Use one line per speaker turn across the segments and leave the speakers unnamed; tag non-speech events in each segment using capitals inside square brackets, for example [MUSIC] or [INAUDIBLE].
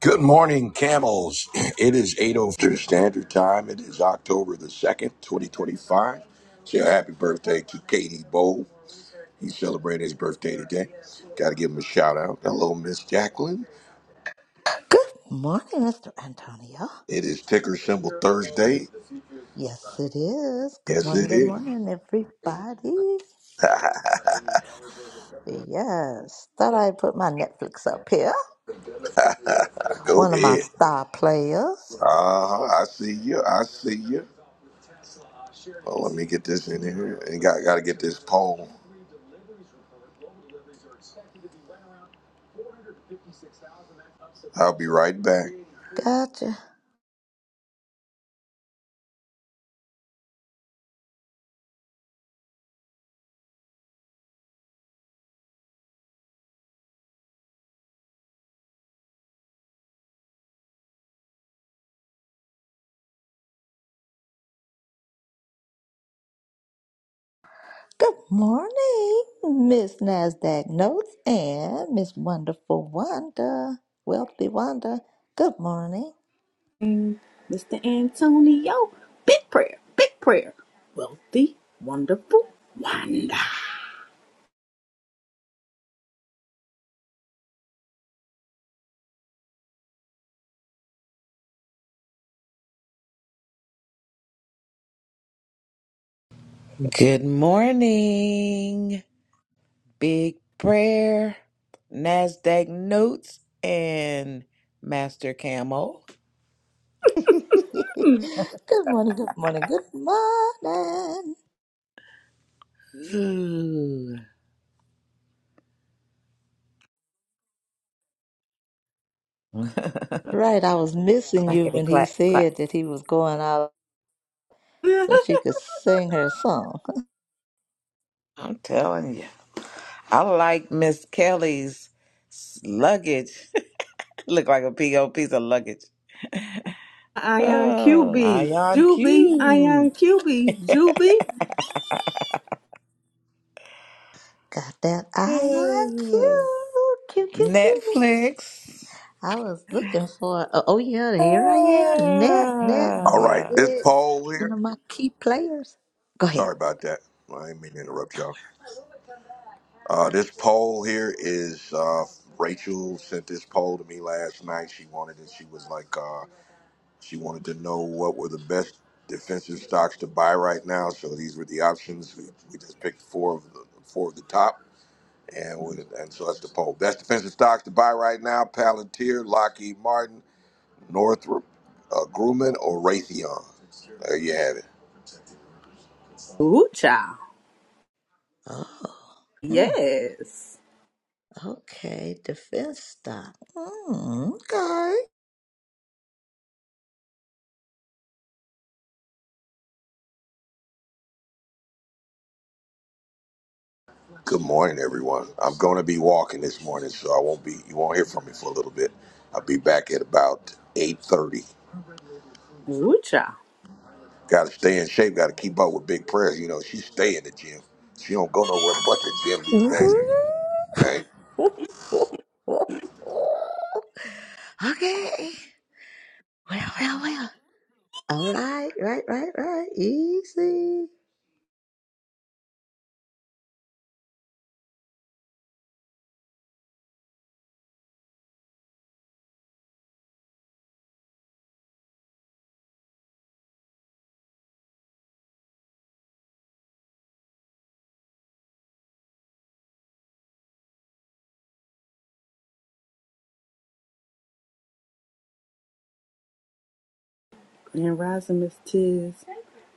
Good morning, camels. [CLEARS THROAT] It is 8.02 Standard Time. It is October the 2nd, 2025. Say a happy birthday to Katie Bowe. He's celebrating his birthday today. Got to give him a shout out. Hello, Miss Jacqueline.
Good morning, Mr. Antonio.
It is ticker symbol Thursday.
Yes, it is. Good
Yes,
morning,
it
good
is.
morning, everybody. Yes, thought i put my Netflix up here.
Go
One of my
ahead.
star players.
Uh-huh. I see you. I see you. Well, let me get this in here. And got, got to get this poll. I'll be right back.
Gotcha. Good morning, Miss NASDAQ Notes and Miss Wonderful Wanda, Wealthy Wanda. Good morning.
Mr. Antonio, big prayer, big prayer. Wealthy, wonderful, wonder.
Good morning, Big Prayer, NASDAQ Notes, and Master Camel.
[LAUGHS] good morning, good morning, good morning.
Ooh. [LAUGHS]
Right, I was missing you
Clackety
when he
clack clack.
said that he was going out.
[LAUGHS]
so she could sing her song.
I'm telling you, I like Miss Kelly's s- luggage. [LAUGHS] Look like a big old piece of luggage.
Ion
Oh,
QB,
Ion
Juby, Ion
Q.
QB, Juby.
Got that eye on
Ooh. [SIGHS]
you, cute, cute, cute.
Netflix.
I was looking for. Oh oh, yeah, here I am. Net, net,
All right.
Ah.
This
Netflix.
poll
One
here.
of my key players. Go ahead.
Sorry about that. Well, I didn't mean to interrupt y'all. Uh, this poll here is uh, Rachel sent this poll to me last night. She wanted it. She was like, uh, she wanted to know what were the best defensive stocks to buy right now. So these were the options. We, we just picked four of the four of the top, and we, and so that's the poll. Best defensive stocks to buy right now: Palantir, Lockheed Martin, Northrop uh, Grumman, or Raytheon. There you have it.
Ooh, child.
Oh, mm,
Yes.
okay. Defense stop. Mm, okay.
Good morning, everyone. I'm going to be walking this morning, so I won't be. You won't hear from me for a little bit. I'll be back at about eight thirty.
Ooh, child.
Got to stay in shape. Got to keep up with Big Prayers. You know, she stay in the gym. She don't go nowhere but the gym
[LAUGHS]
these days. Hey,
okay. Well, well, well. All right, right, right, right. Easy.
And rising Miss Tiz.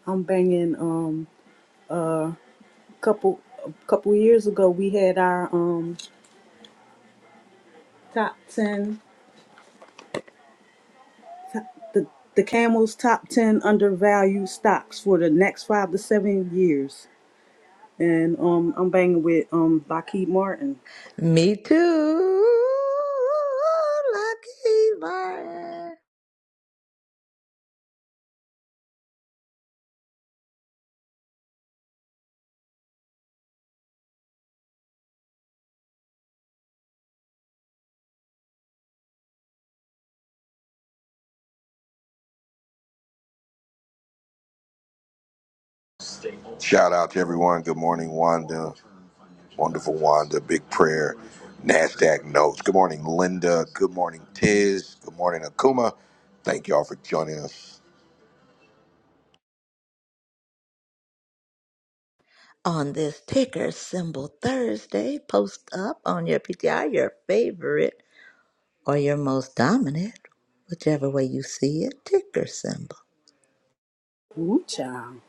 I'm banging um a couple a couple years ago we had our um top 10 top, the the Camel's top 10 undervalued stocks for the next 5 to 7 years. and um, I'm banging with um Lockheed Martin.
Me too, Lucky Martin.
shout out to everyone. Good morning, Wanda. Wonderful Wanda. Big Prayer. Nasdaq notes. Good morning, Linda. Good morning, Tiz. Good morning, Akuma. Thank y'all for joining us.
On this ticker symbol Thursday, post up on your PTI your favorite or your most dominant, whichever way you see it, ticker symbol.
Woo child.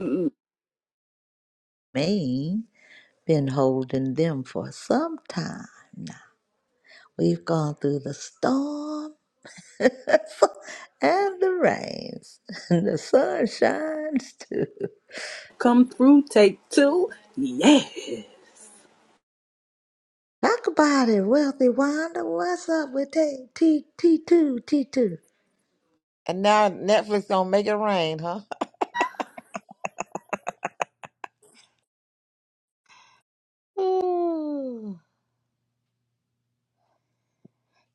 Mm-mm.
Maine been holding them for some time now. We've gone through the storm [LAUGHS] and the rains [LAUGHS] and the sun shines too.
Come through, take two. Yeah.
Talk about it, Wealthy Wanda. What's up with T T T two T two?
And now Netflix don't make it rain, huh? Ooh.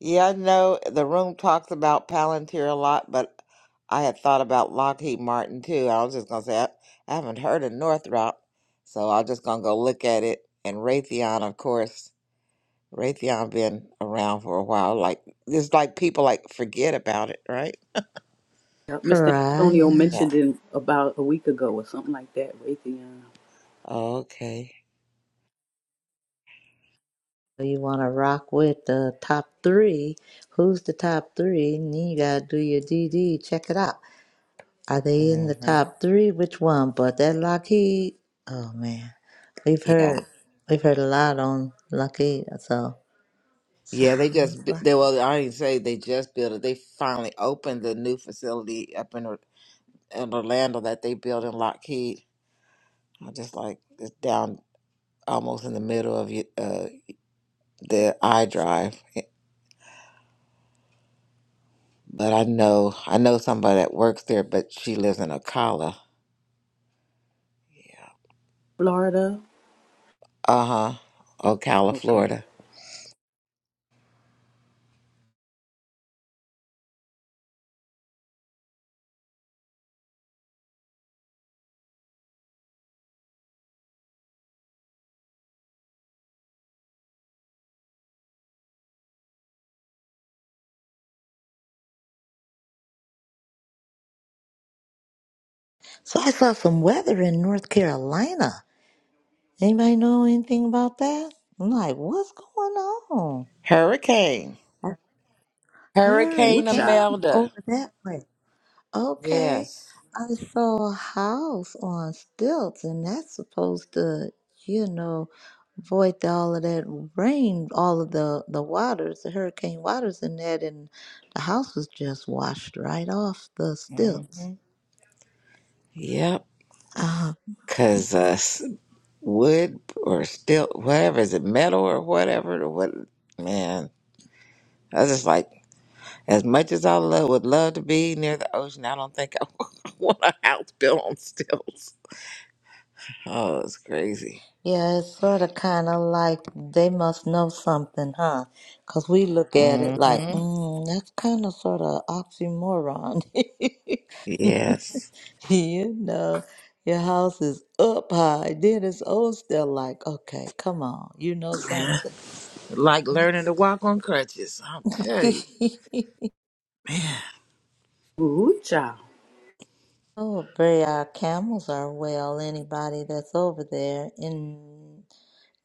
Yeah, I know the room talks about Palantir a lot, but I had thought about Lockheed Martin too. I was just gonna say I, I haven't heard of Northrop, so I'm just gonna go look at it. And Raytheon, of course, Raytheon been around for a while. Like it's like people like forget about it, right?
Yup,
All
Mr.
right,
Antonio
yeah.
Yeah.
mentioned it about a week ago or something like that. Raytheon,
Okay.
So You want to rock with the top three? Who's the top three? And then you gotta do your D D. Check it out. Are they in the
hmm
top three? Which one? But that Lockheed. Oh man, we've
Yeah.
heard we've heard a lot on Lockheed. So
Yeah, they
sounds
just bu-
like.
they well, I didn't say they just built it. They finally opened the new facility up in in Orlando that they built in Lockheed. I just like it's down almost in the middle of y- uh, the I drive. eh, But I know I know somebody that works there, but she lives in Ocala.
Florida.
Uh huh. Ocala,
Okay.
Florida.
So I saw some weather in North Carolina. Anybody know anything about that? I'm like, what's going on?
Hurricane.
A
Woo
Hurricane
child.
hurricane
Imelda.
over that way. Okay.
Yes.
I saw a house on stilts, and that's supposed to, you know, void all of that rain, all of the, the waters, the hurricane waters in that, and the house was just washed right off the
hmm
stilts.
Yep.
Uh,
Cause uh, s- wood or steel, whatever is it, metal or whatever? Or what? Man, I was just like. As much as I love, would love to be near the ocean, I don't think I [LAUGHS] want a house built on stilts. Oh, it's crazy.
yeah, it's sort of kind of like they must know something, huh? Because we look at it like,
hmm
mm, that's kind of sort of oxymoron. [LAUGHS]
Yes.
[LAUGHS] you know, your house is up high. Then it's old still like, okay, come on, you know something.
Like learning to walk on crutches. I'll tell you.
[LAUGHS]
Man,
Woo child.
oh, pray our camels are well. Anybody that's over there in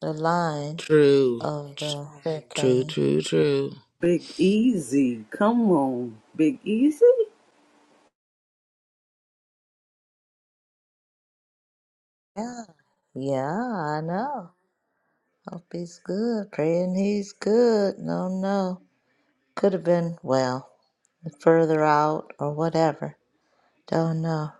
the line
true.
of
Tr-
the
True,
hurricane.
true, true.
Big Easy. Come on. Big Easy.
Yeah, yeah, I know. Hope he's good. Praying he's good. No, no. Could have been, well, further out or whatever. Don't know.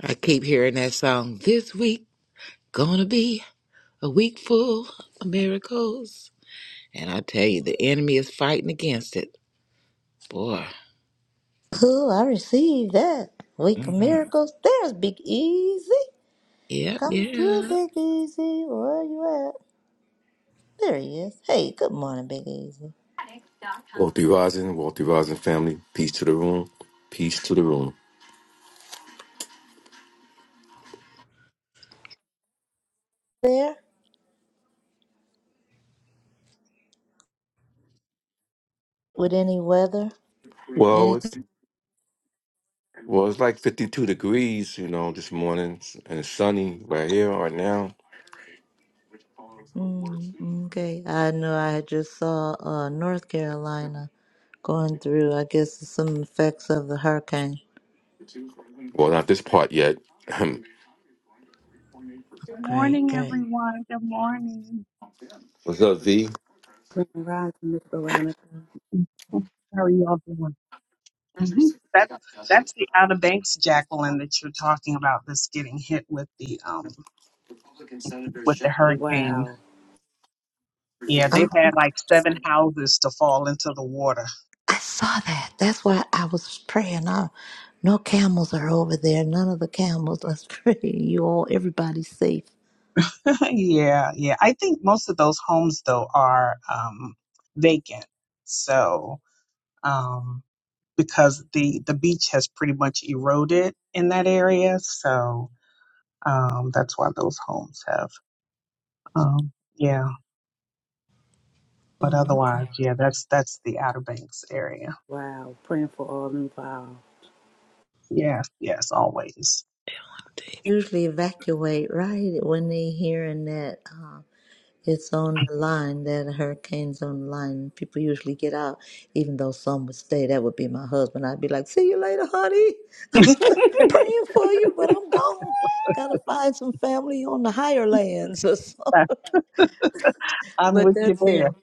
I keep hearing that song. This week, gonna be a week full of miracles. And I tell you, the enemy is fighting against it. Boy.
Cool, I received that. Week of
hmm
Miracles. There's Big Easy.
Yep,
Come through,
yeah.
Big Easy. Where you at? There he is. Hey, good morning, Big Easy.
Be rising, Walter Rising family. Peace to the room. Peace to the room.
There? With any weather?
Well, it's
Anything?
well, it's like fifty-two degrees, you know, this morning, and it's sunny right here, right now.
Mm, okay. I know I had just saw uh, North Carolina going through, I guess, some effects of the hurricane.
Well, not this part yet. [LAUGHS] [CLEARS THROAT]
Good
Great,
morning,
great.
everyone. Good morning.
What's up, V?
Grand Rising, Miss Veronica.
How are you all doing? hmm That that's the Outer Banks, Jacqueline, that you're talking about. That's getting hit with the um with the hurricane.
Wow.
Yeah,
Oh,
they've had like seven houses to fall into the water.
I saw that. That's why I was praying. I, no camels are over there. None of the camels. Let's pray [LAUGHS] you all, everybody's safe.
[LAUGHS] yeah, yeah. I think most of those homes though are um vacant. So um because the the beach has pretty much eroded in that area, so um that's why those homes have. Um, yeah, but
Mm,
otherwise,
okay.
yeah, that's that's the Outer Banks area.
Wow. Praying for all involved.
Yes, yes, always.
usually evacuate right when they hearing that uh, it's on the line, that a hurricane's on the line. People usually get out, even though some would stay. That would be my husband. I'd be like, "See you later, honey.
[LAUGHS]
Praying for you, but I'm gone. Gotta find some family on the higher lands or something." [LAUGHS]
I'm
But
with you
that's him.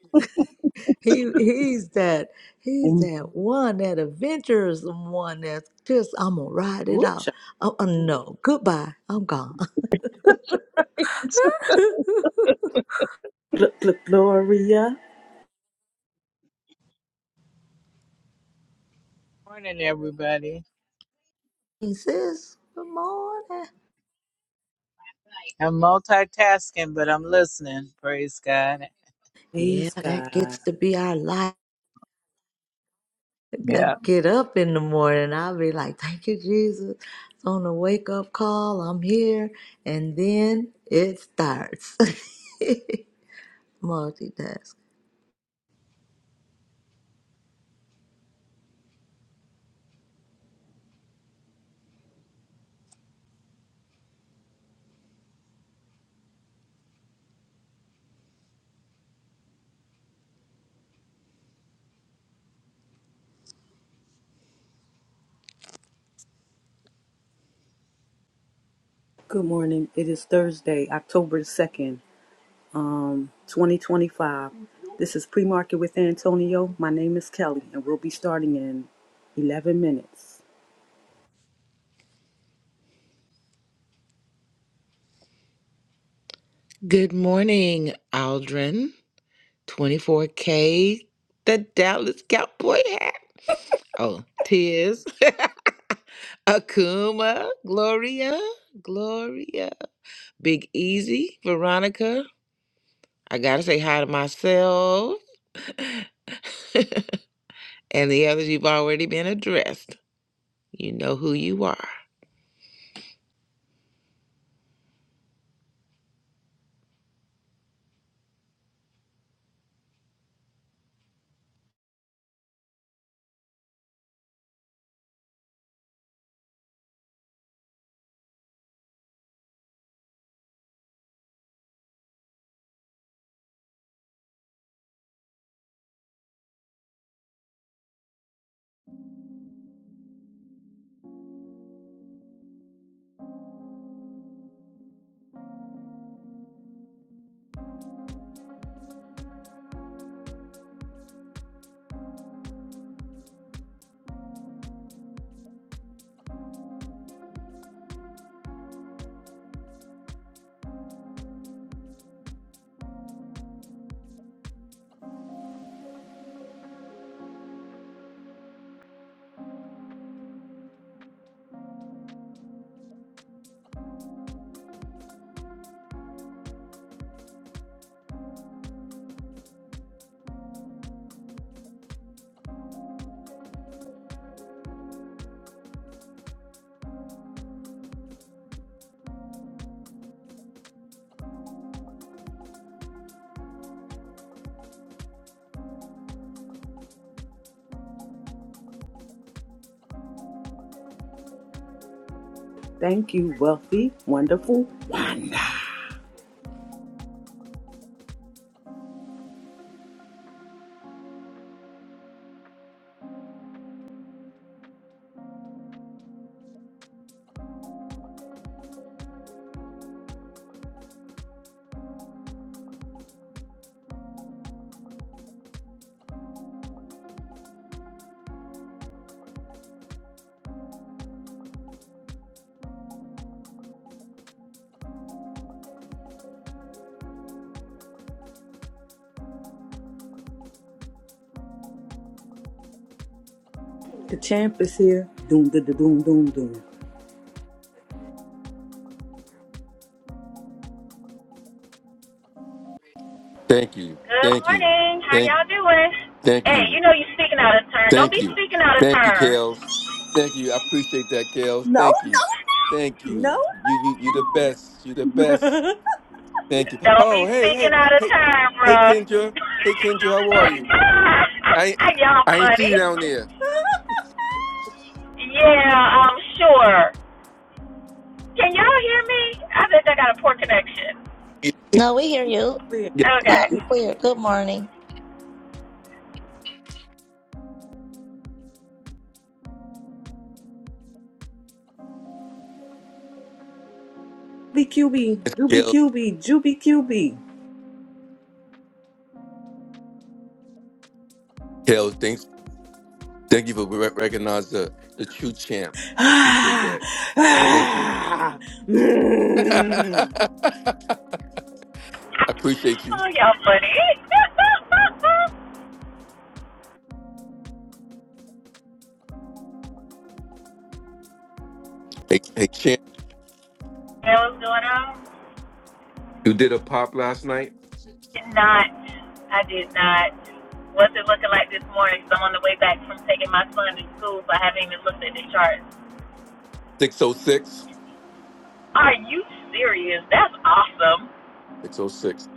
He he's that he's
there.
that one that adventurous one that's just I'm gonna ride it
Woo
out.
child.
Oh, oh no, goodbye. I'm gone.
[LAUGHS]
[LAUGHS]
Gl- gl- Gloria.
Morning, everybody.
sis. Good morning.
I'm multitasking, but I'm listening. Praise God.
Yeah,
Praise
that
God.
gets to be our life.
Yeah.
I get up in the morning. I'll be like, thank you, Jesus. It's on a wake up call. I'm here. And then it starts. [LAUGHS] Multitask.
Good morning. It is Thursday, October 2nd, um, 2025. This is Pre Market with Antonio. My name is Kelly, and we'll be starting in 11 minutes.
Good morning, Aldrin. 24K, the Dallas Cowboy hat. Oh, Tiz. [LAUGHS] Akuma, Gloria, Gloria. Big Easy, Veronica. I gotta say hi to myself. [LAUGHS] And the others you've already been addressed. You know who you are.
Thank you, wealthy, wonderful Wanda. The champ is here. Doom, da, da, doom, doom, doom.
Thank you,
Good
thank you,
morning. How
thank,
y'all doing?
thank
Hey,
you,
you know you speaking out of turn. Don't
thank
be
you,
speaking out of
thank you,
turn.
Kales. Thank you, I appreciate that, Kales.
No,
Thank you, thank
no,
you. You, you, you the best. You the best. Thank you.
Don't
Oh,
be
hey, hey,
speaking out of
hey,
turn,
hey,
bro.
Kendra. Hey, Kendra, how are you? I,
[LAUGHS] y'all
I ain't see
funny.
you down there.
Yeah, I'm sure. Can y'all hear me? I bet I got a poor connection.
No, we hear you
no.
Yeah, yeah.
Okay.
loud and clear. Good morning.
Juby QB, Juby
Kale,
QB, Juby
Kale, thanks. Thank you for re- recognizing the, the true champ. I appreciate
QB.
that.
[SIGHS]
Thank you.
Ah, ah,
[LAUGHS]
mm.
I appreciate you.
Oh, y'all funny. [LAUGHS]
Hey, hey, champ,
that was going on.
you did a pop last night.
Did not. I did not. What's it looking like this morning? 'Cause I'm on the way back from taking my son to school, so I haven't even looked at the chart.
606.
Are you serious? That's awesome.
606.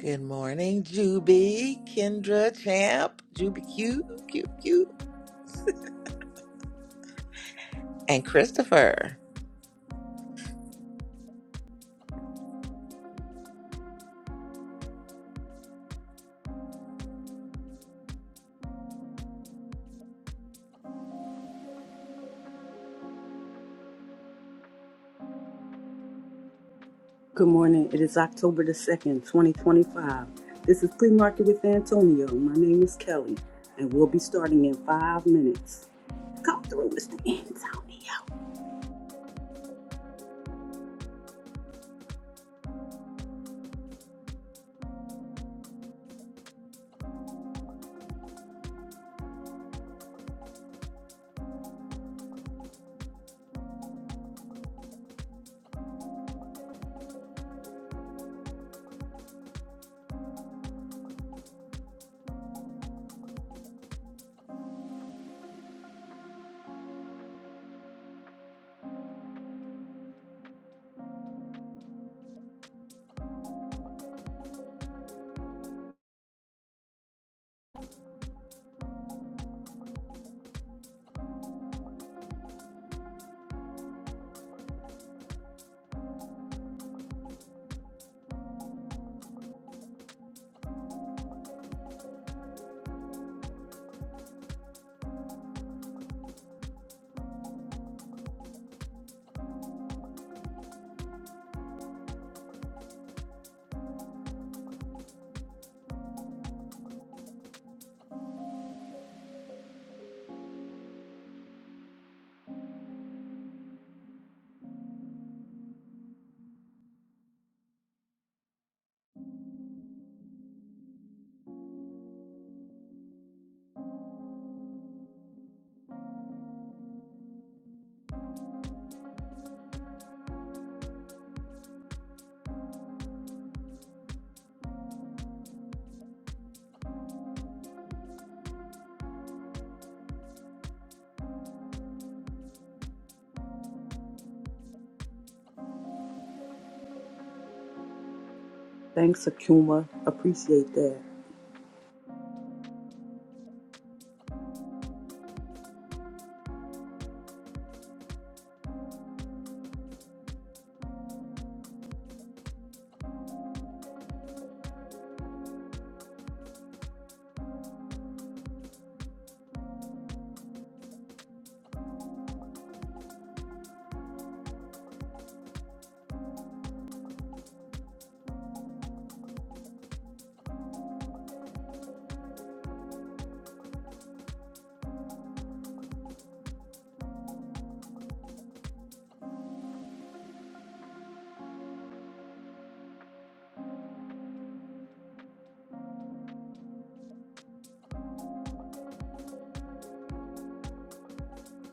Good morning, Juby, Kendra, Champ, Juby Q, Q, Q, and Christopher.
Good morning. It is October the 2nd, 2025. This is Flea Market with Antonio. My name is Kelly, and we'll be starting in five minutes. Come through, Mr. Antonio. Thanks, Akuma. Appreciate that.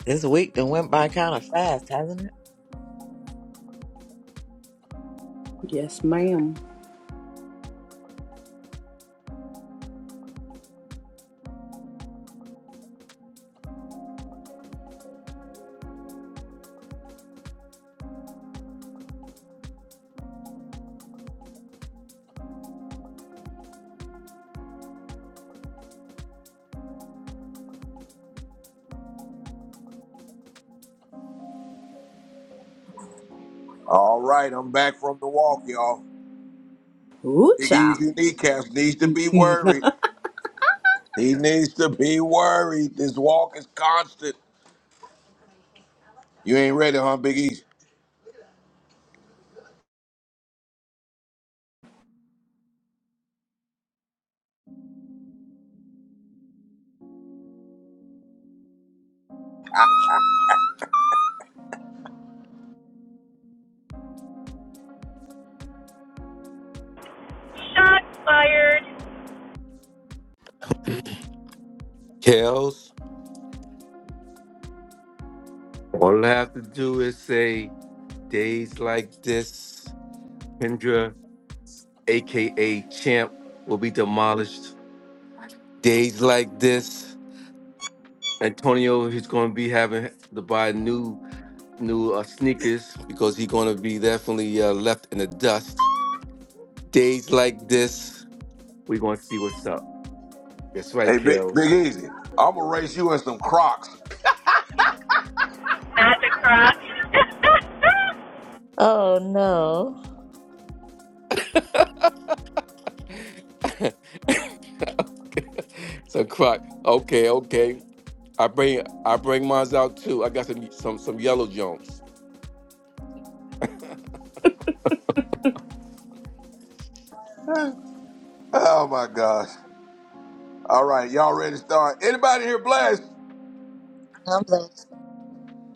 This week done went by kind of fast, hasn't it?
Yes, ma'am.
All right, I'm back from the walk, y'all.
Ooh,
Big
child.
Easy kneecaps needs to be
[LAUGHS]
worried. He needs to be worried. This walk is constant. You ain't ready, huh, Big Easy?
Shots fired.
Kales, all I have to do is say days like this, Kendra, aka champ, will be demolished. Days like this, Antonio is going to be having to buy new. new uh, sneakers because he's going to be definitely uh, left in the dust. Days like this, we're going to see what's up. That's right,
Hey, Big, Big
Kels.
Easy, I'm gonna race you in some Crocs.
Not the croc. [LAUGHS]
Oh, no.
[LAUGHS] so Croc, okay, okay. I bring I bring mines out too. I got some some some yellow Jones.
[LAUGHS] oh my gosh! All right, y'all ready to start? Anybody here blessed?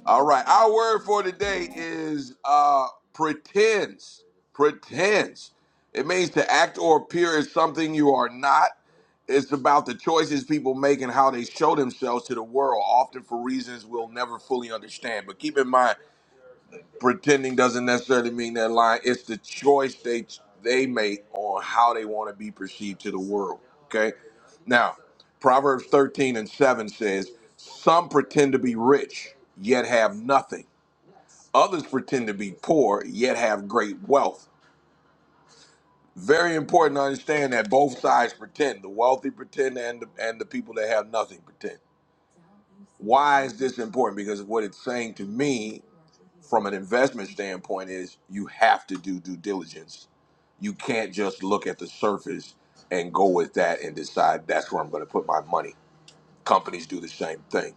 All right. Our word for today is uh, Pretense. Pretends. It means to act or appear as something you are not. It's about the choices people make and how they show themselves to the world, often for reasons we'll never fully understand. But keep in mind, pretending doesn't necessarily mean they're lying. It's the choice they they make on how they want to be perceived to the world. Okay. Now, Proverbs 13 and 7 says, Some pretend to be rich, yet have nothing. Others pretend to be poor, yet have great wealth. Very important to understand that both sides pretend. The wealthy pretend and the, and the people that have nothing pretend. Why is this important? Because what it's saying to me from an investment standpoint is you have to do due diligence. You can't just look at the surface and go with that and decide that's where I'm going to put my money. Companies do the same thing.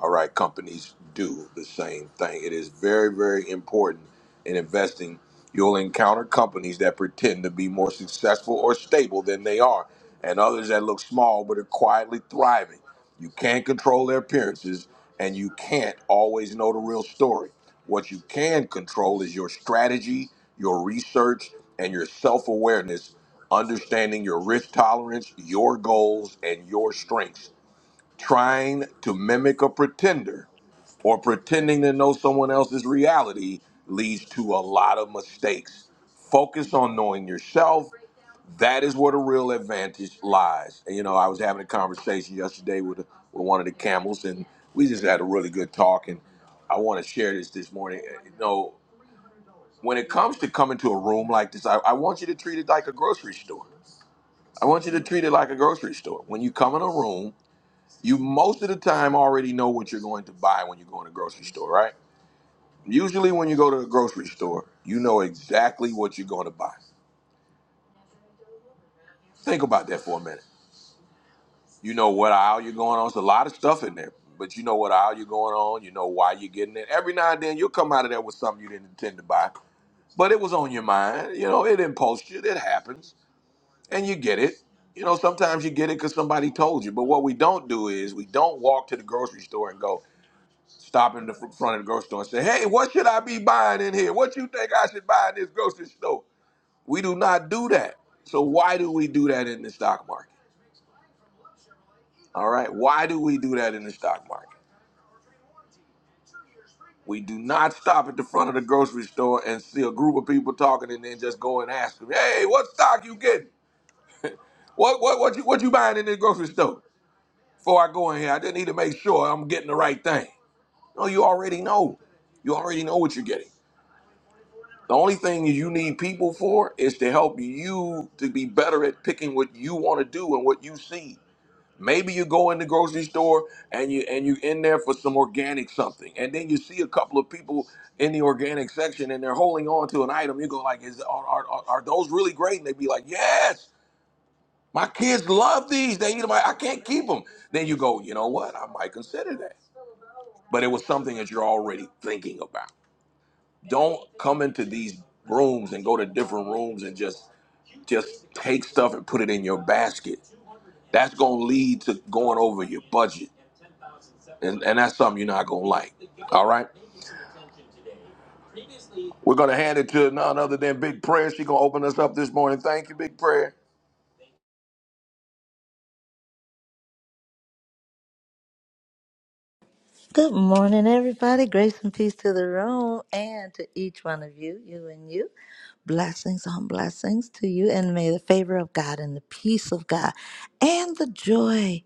All right, companies do the same thing. It is very, very important in investing. You'll encounter companies that pretend to be more successful or stable than they are, and others that look small but are quietly thriving. You can't control their appearances, and you can't always know the real story. What you can control is your strategy, your research, and your self awareness, understanding your risk tolerance, your goals, and your strengths. Trying to mimic a pretender or pretending to know someone else's reality leads to a lot of mistakes. Focus on knowing yourself. That is where the real advantage lies. And, you know, I was having a conversation yesterday with, with one of the camels, and we just had a really good talk. And I want to share this this morning. Uh, You know, when it comes to coming to a room like this, I, I want you to treat it like a grocery store. I want you to treat it like a grocery store. When you come in a room, you most of the time already know what you're going to buy when you go in a grocery store, right? Usually, when you go to the grocery store, you know exactly what you're going to buy. Think about that for a minute. You know what aisle you're going on. It's a lot of stuff in there, but you know what aisle you're going on. You know why you're getting it. Every now and then, you'll come out of there with something you didn't intend to buy, but it was on your mind. You know, it impulsed you. It happens, and you get it. You know, sometimes you get it because somebody told you. But what we don't do is we don't walk to the grocery store and go. stop in the fr- front of the grocery store and say, "Hey, what should I be buying in here? What you think I should buy in this grocery store?" We do not do that. So why do we do that in the stock market? All right, why do we do that in the stock market? We do not stop at the front of the grocery store and see a group of people talking and then just go and ask them, "Hey, what stock you getting? What what what you what you buying in this grocery store?" Before I go in here, I just need to make sure I'm getting the right thing. No, you already know. You already know what you're getting. The only thing you need people for is to help you to be better at picking what you want to do and what you see. Maybe you go in the grocery store and you and you in there for some organic something, and then you see a couple of people in the organic section and they're holding on to an item. You go like, "Is are are, are are those really great?" And they be like, "Yes, my kids love these. They eat them. I, I can't keep them." Then you go, "You know what? I might consider that." But it was something that you're already thinking about don't come into these rooms and go to different rooms and just just take stuff and put it in your basket. That's gonna lead to going over your budget, and and that's something you're not gonna like. All right, we're gonna hand it to none other than Big Prayer. She gonna open us up this morning. Thank you, Big Prayer.
Good morning, everybody. Grace and peace to the room and to each one of you, you and you. Blessings on blessings to you, and may the favor of God and the peace of God and the joy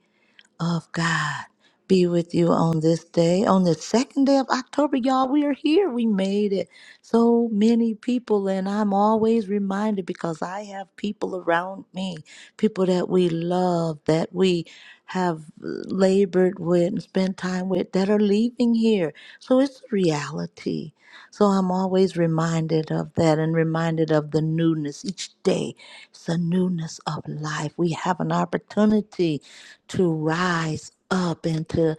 of God be with you on this day, on the second day of October, y'all. We are here. We made it. So many people, and I'm always reminded because I have people around me, people that we love, that we have labored with and spent time with, that are leaving here. So it's a reality. So I'm always reminded of that and reminded of the newness. Each day, it's a newness of life. We have an opportunity to rise up and to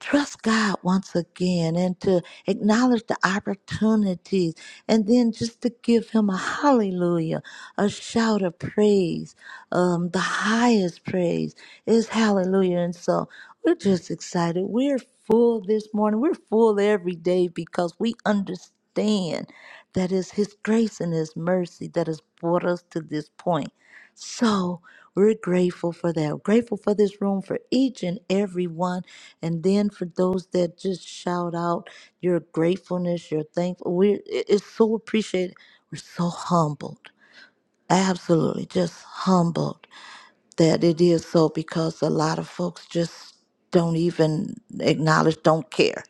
trust God once again and to acknowledge the opportunities and then just to give Him a hallelujah, a shout of praise. Um, the highest praise is hallelujah. And so, we're just excited. We're full this morning. We're full every day because we understand that it's His grace and His mercy that has brought us to this point. So we're grateful for that. We're Grateful for this room, for each and every one. And then for those that just shout out your gratefulness, your thankful. We're, it- it's so appreciated. We're so humbled. Absolutely, just humbled that it is so because a lot of folks just don't even acknowledge, don't care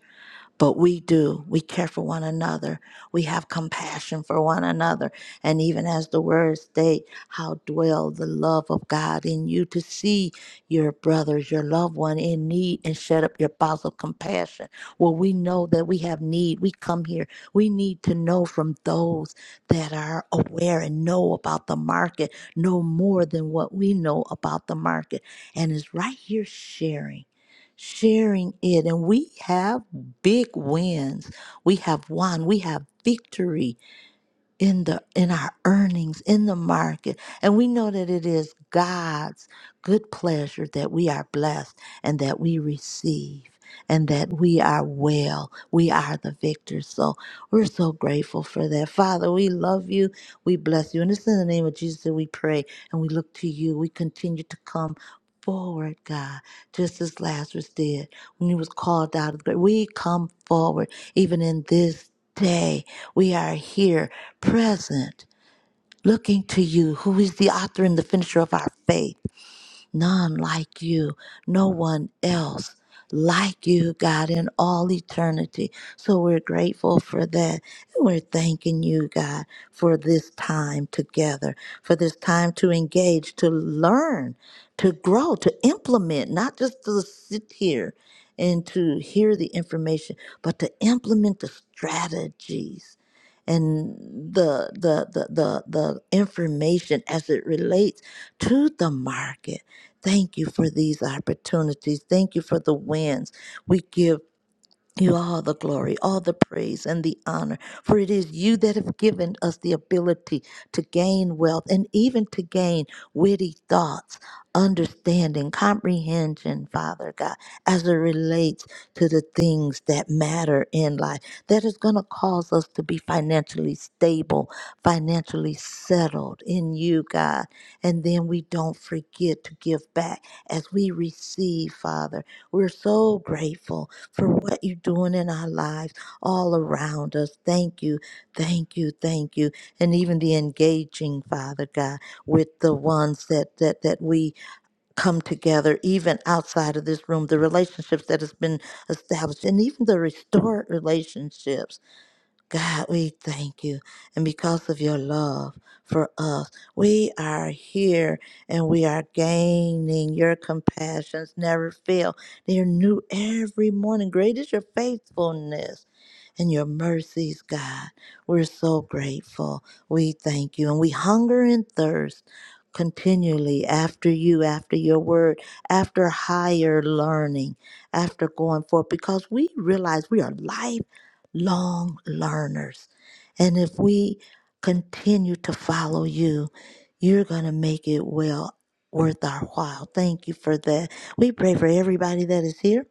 but we do. We care for one another. We have compassion for one another. And even as the words state, how dwell the love of God in you to see your brothers, your loved one in need and shut up your bowels of compassion. Well, we know that we have need. We come here. We need to know from those that are aware and know about the market, know more than what we know about the market. And is right here sharing sharing it. And we have big wins. We have won. We have victory in the in our earnings in the market and we know that it is God's good pleasure that we are blessed and that we receive and that we are well we are the victors so we're so grateful for that father we love you we bless you and it's in the name of Jesus that we pray and we look to you we continue to come forward God just as Lazarus did when he was called out of the grave we come forward even in this day we are here present, looking to you, who is the author and the finisher of our faith. None like you, no one else like you, God, in all eternity. So we're grateful for that. And we're thanking you, God, for this time together, for this time to engage, to learn, to grow, to implement, not just to sit here and to hear the information, but to implement the strategies and the the the the, the information as it relates to the market Thank you for these opportunities. Thank you for the wins. We give you all the glory, all the praise, and the honor, for it is you that have given us the ability to gain wealth and even to gain witty thoughts, understanding, comprehension, Father God, as it relates to the things that matter in life. That is going to cause us to be financially stable, financially settled in you, God. And then we don't forget to give back as we receive, Father. We're so grateful for what you're doing in our lives all around us. Thank you, thank you, thank you. And even the engaging, Father God, with the ones that that that we come together, even outside of this room, the relationships that has been established, and even the restored relationships. God, we thank you. And because of your love for us, we are here and we are gaining your compassions never fail. They are new every morning. Great is your faithfulness and your mercies, God. We're so grateful. We thank you. And we hunger and thirst continually after you, after your word, after higher learning, after going forth, because we realize we are lifelong learners. And if we continue to follow you, you're going to make it well worth our while. Thank you for that. We pray for everybody that is here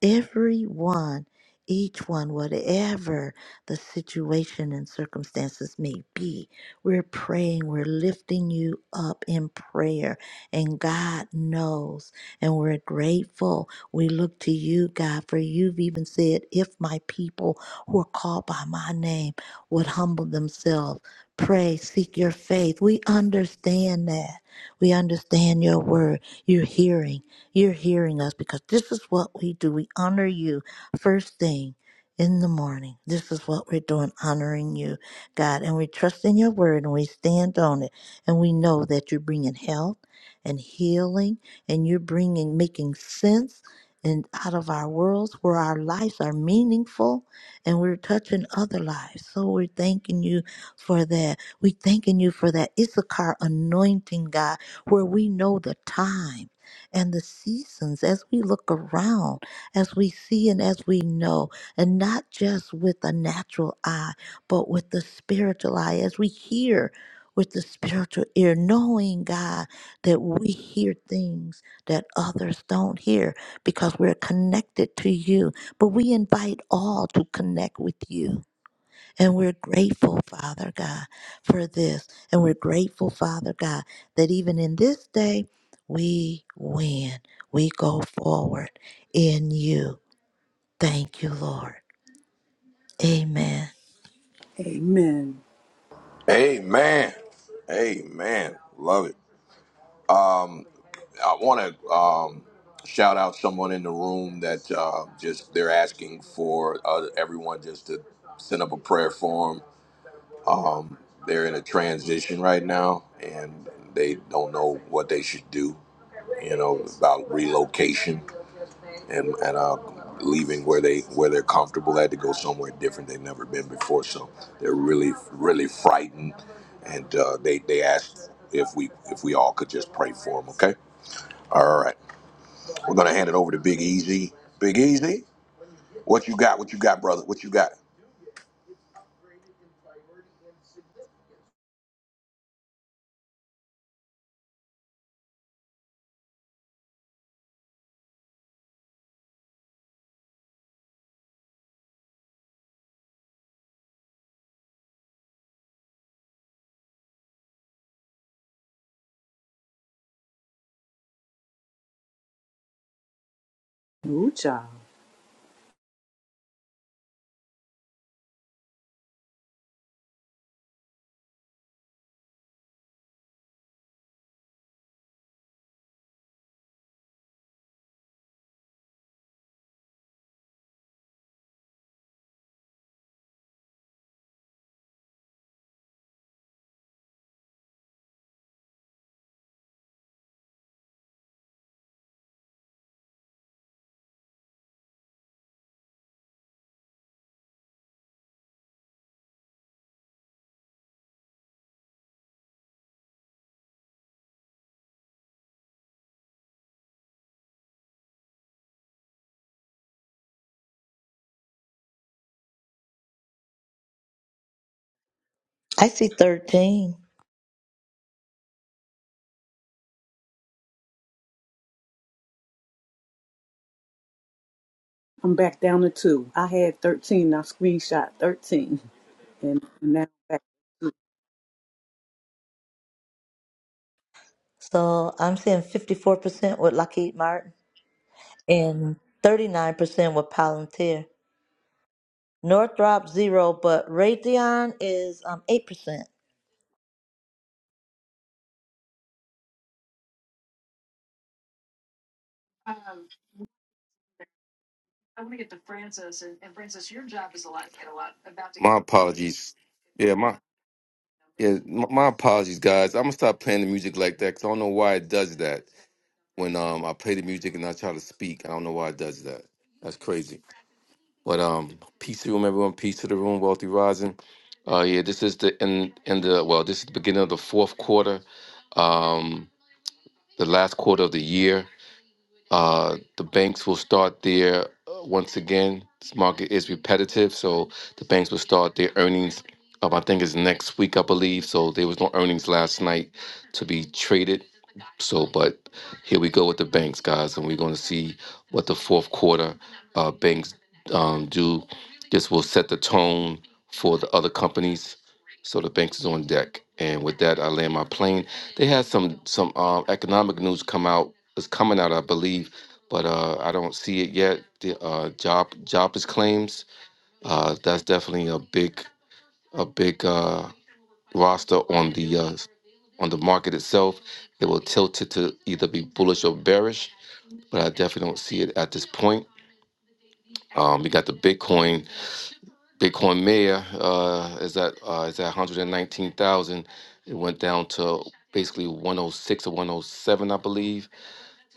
Everyone, each one, whatever the situation and circumstances may be, we're praying, we're lifting you up in prayer, and God knows, and we're grateful. We look to you, God, for you've even said, If my people who are called by my name would humble themselves, pray, seek your faith. We understand that. We understand your word. You're hearing. You're hearing us because this is what we do. We honor you first thing in the morning. This is what we're doing, honoring you, God. And we trust in your word and we stand on it. And we know that you're bringing health and healing and you're bringing, making sense. And out of our worlds where our lives are meaningful and we're touching other lives. So we're thanking you for that. We're thanking you for that Issachar anointing, God, where we know the time and the seasons as we look around, as we see and as we know, and not just with a natural eye, but with the spiritual eye, as we hear with the spiritual ear, knowing God that we hear things that others don't hear because we're connected to you. But we invite all to connect with you and we're grateful, Father God, for this. And we're grateful, Father God, that even in this day, we win. We go forward in you. Thank you, Lord. Amen.
Amen.
Amen. Amen. Love it. Um, I want to um, shout out someone in the room that uh, just they're asking for uh, everyone just to send up a prayer for 'em. Um, they're in a transition right now, and they don't know what they should do. You know about relocation and and uh, leaving where they where they're comfortable at to go somewhere different they've never been before. So they're really really frightened, and uh, they they asked if we if we all could just pray for them. Okay, all right. We're gonna hand it over to Big Easy. Big Easy, what you got? What you got, brother? What you got?
Ooh, child.
I see 13.
I'm back down to two. I had 13. I screenshot 13. And now back.
So I'm seeing 54% with Lockheed Martin and 39% with Palantir. Northrop, zero, but Raytheon is um, 8%.
My apologies. Yeah, my yeah, my, my apologies, guys. I'm gonna stop playing the music like that because I don't know why it does that. When um I play the music and I try to speak, I don't know why it does that. That's crazy. But um, peace to the room, everyone. Peace to the room, wealthy rising. Uh, yeah, this is the in in the well, this is the beginning of the fourth quarter, um, the last quarter of the year. Uh, the banks will start their, uh, once again, this market is repetitive. So the banks will start their earnings, um, I think it's next week, I believe. So there was no earnings last night to be traded. So, but here we go with the banks, guys, and we're going to see what the fourth quarter uh, banks um, do. This will set the tone for the other companies. So the banks is on deck, and with that, I land my plane. They had some some um, economic news come out it's coming out, I believe, but uh, I don't see it yet. The uh, job jobless claims uh, that's definitely a big a big uh, roster on the uh, on the market itself. It will tilt it to either be bullish or bearish, but I definitely don't see it at this point. Um, we got the Bitcoin. Bitcoin Mayor uh, is at uh, is at 119,000. It went down to basically 106 or 107, I believe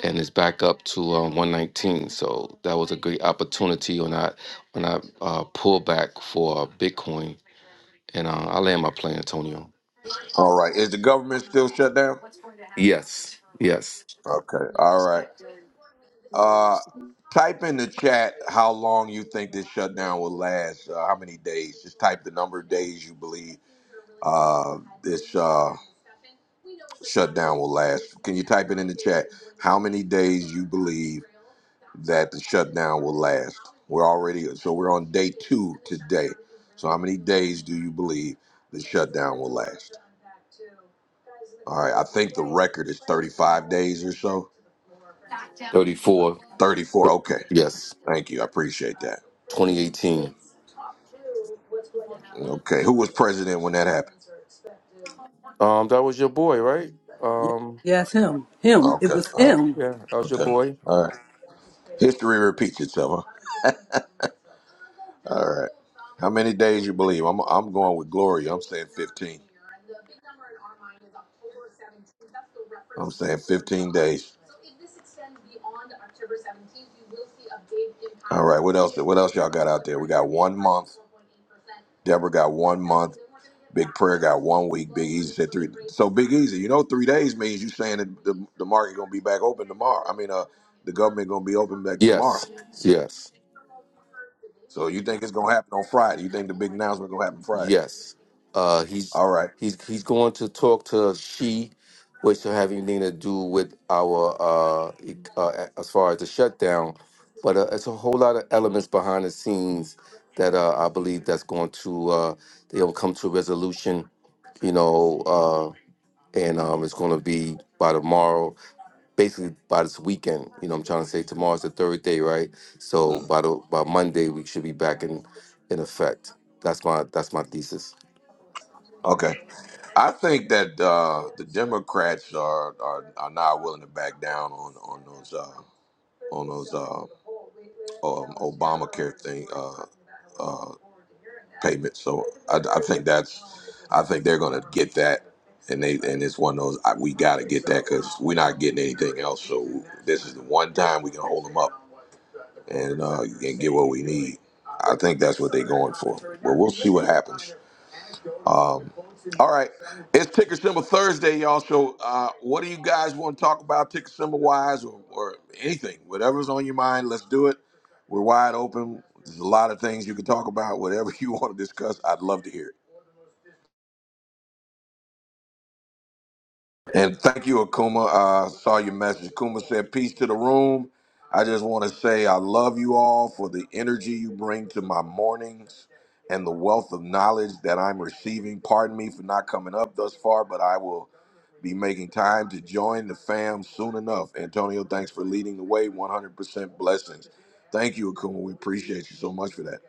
and it's back up to um, 119. So that was a great opportunity on that on that uh, pullback for uh, Bitcoin. And uh, I land my plane, Antonio.
All right. Is the government still shut down?
Yes.
Okay. All right. Uh, type in the chat how long you think this shutdown will last. Uh, how many days? Just type the number of days you believe uh, this uh, shutdown will last. Can you type it in the chat? How many days you believe that the shutdown will last? We're already so we're on day two today. So how many days do you believe the shutdown will last? All right, I think the record is 35 days or so.
Yeah. 34.
34. Okay,
Yes.
thank you. I appreciate that.
2018.
Okay, who was president when that happened?
Um, that was your boy, right?
Yes,
Um,
yes, him. Him. It
Okay.
was
All right.
him.
yeah, that was your
Okay.
boy.
All right. History repeats itself. Huh? All right. How many days you believe? I'm I'm going with Gloria. I'm saying 15. I'm saying 15 days. All right. What else? What else y'all got out there? We got one month. Deborah got one month. Big Prayer got one week. Big Easy said three. So Big Easy, you know, three days means you saying that the, the market gonna be back open tomorrow. I mean, uh, the government gonna be open back tomorrow.
Yes, yes,
So you think it's gonna happen on Friday? You think the announcement gonna on Friday?
yes. Uh, he's
All right.
he's he's going to talk to she, which will have anything to do with our uh, e- uh as far as the shutdown, but uh, it's a whole lot of elements behind the scenes that uh, I believe that's going to uh, they'll come to a resolution, you know, uh, and um, it's going to be by tomorrow. basically by this weekend. You know, I'm trying to say tomorrow's the third day, right? So
Mm.
by the by Monday, we should be back in in effect. That's my that's my thesis.
Okay. I think that uh, the Democrats are, are are not willing to back down on on those uh, on those uh, um, Obamacare thing uh, uh, payments. So I, I think that's I think they're going to get that, and they and it's one of those I, we got to get that because we're not getting anything else. So this is the one time we can hold them up and uh, and get what we need. I think that's what they're going for. But we'll see what happens. Um, all right, it's ticker symbol Thursday, y'all. So, uh, what do you guys want to talk about, ticker symbol wise, or, or anything? Whatever's on your mind, let's do it. We're wide open. There's a lot of things you can talk about. Whatever [LAUGHS] you want to discuss, I'd love to hear it. And thank you, Akuma. I Uh, saw your message. Akuma said, "Peace to the room." I just want to say I love you all for the energy you bring to my mornings and the wealth of knowledge that I'm receiving. Pardon me for not coming up thus far, but I will Be making time to join the fam soon enough. Antonio, thanks for leading the way. 100% blessings. Thank you, Akuma. We appreciate you so much for that.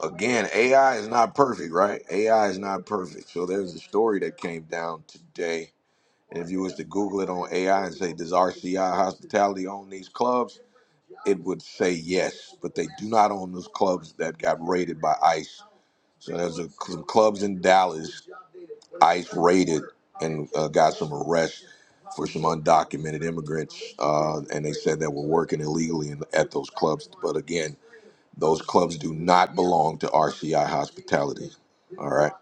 Again, AI is not perfect, right? AI is not perfect. So there's a story that came down today. And if you was to Google it on AI and say, does RCI hospitality own these clubs? It would say yes, but they do not own those clubs that got raided by ICE. So there's a, some clubs in Dallas ICE raided and uh, got some arrests for some undocumented immigrants, uh, and they said that were working illegally in, at those clubs. But again, those clubs do not belong to RCI Hospitality. All right,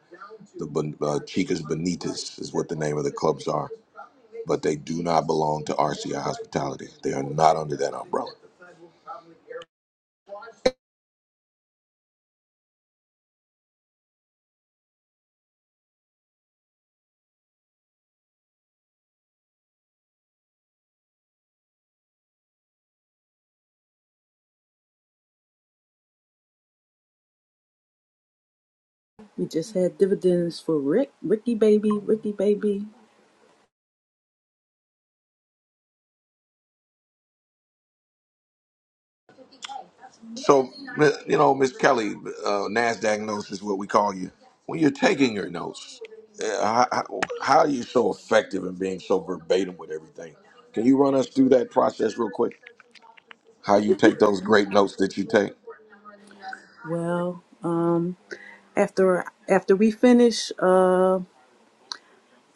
the Bon- uh, Chicas Bonitas is what the name of the clubs are, but they do not belong to RCI Hospitality. They are not under that umbrella.
We just had dividends for Rick. Ricky baby. Ricky baby.
So, you know, Miss Kelly, uh, NASDAQ notes is what we call you. When you're taking your notes, uh, how, how are you so effective in being so verbatim with everything? Can you run us through that process real quick? How you take those great notes that you take?
Well, um, after after we finish, uh,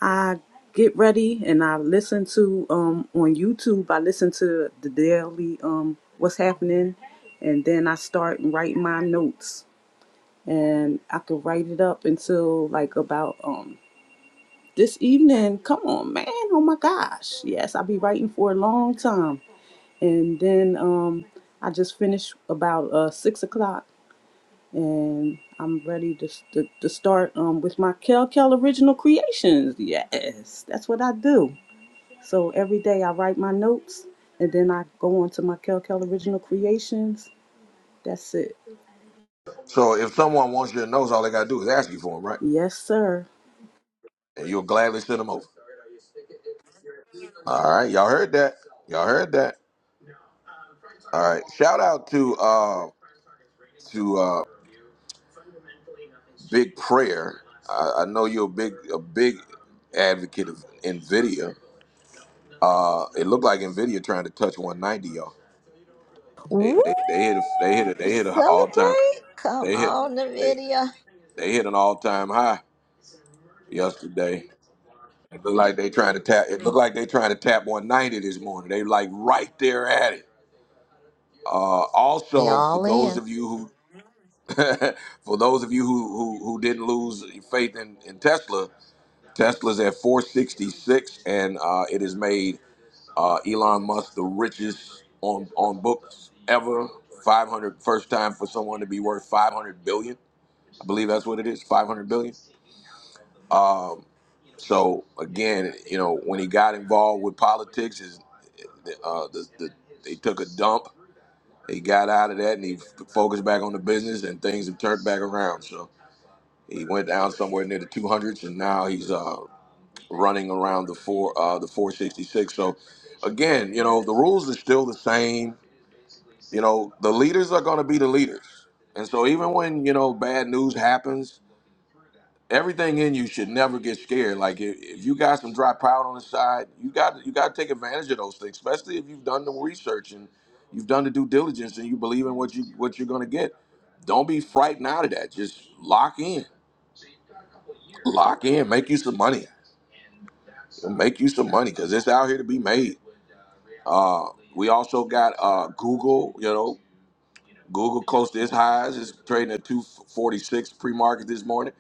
I get ready and I listen to um on YouTube. I listen to the daily um what's happening, and then I start writing my notes, and I could write it up until like about um this evening. Come on, man! Oh my gosh! Yes, I'll be writing for a long time, and then um I just finish about uh six o'clock and I'm ready to to, to start um, with my Kel Kel original creations. Yes, that's what I do. So every day I write my notes, and then I go on to my Kel Kel original creations. That's it.
So, if someone wants your notes, all they got to do is ask you for them, right?
Yes, sir.
And you'll gladly send them over. All right. Y'all heard that. Y'all heard that. All right. Shout out to uh, to uh, Big Prayer. I, I know you're a big a big advocate of NVIDIA Uh, it looked like Nvidia trying to touch 190, y'all. They,
Woo!
they, they hit a, they hit a, they hit an all time
Celebrate! Come
they hit
on,
they
NVIDIA.
they hit an all time high yesterday. It looked like they trying to tap. It looked like they trying to tap 190 this morning. They like right there at it. Uh,
We
also,
all
for those
in.
of you who [LAUGHS] for those of you who who, who didn't lose faith in, in Tesla, Tesla's at 466, and uh, it has made Uh, Elon Musk, the richest on on books ever. 500 first time for someone to be worth 500 billion. I believe that's what it is. 500 billion. Um, so again, you know, when he got involved with politics, is uh, the, the, they took a dump. He got out of that and he focused back on the business, and things have turned back around. So he went down somewhere near the 200s, and now he's uh, running around the four uh, the 466. So again, you know, the rules are still the same you know, the leaders are going to be the leaders. And so even when, you know, bad news happens, everything in you should never get scared. Like if, if you got some dry powder on the side, you got you got to take advantage of those things, especially if you've done the research and you've done the due diligence and you believe in what you what you're going to get. Don't be frightened out of that. Just lock in. Lock in, make you some money. Make you some money cuz it's out here to be made. Uh we also got uh Google, you know, Google close to its highs. It's trading at 246 pre-market this morning.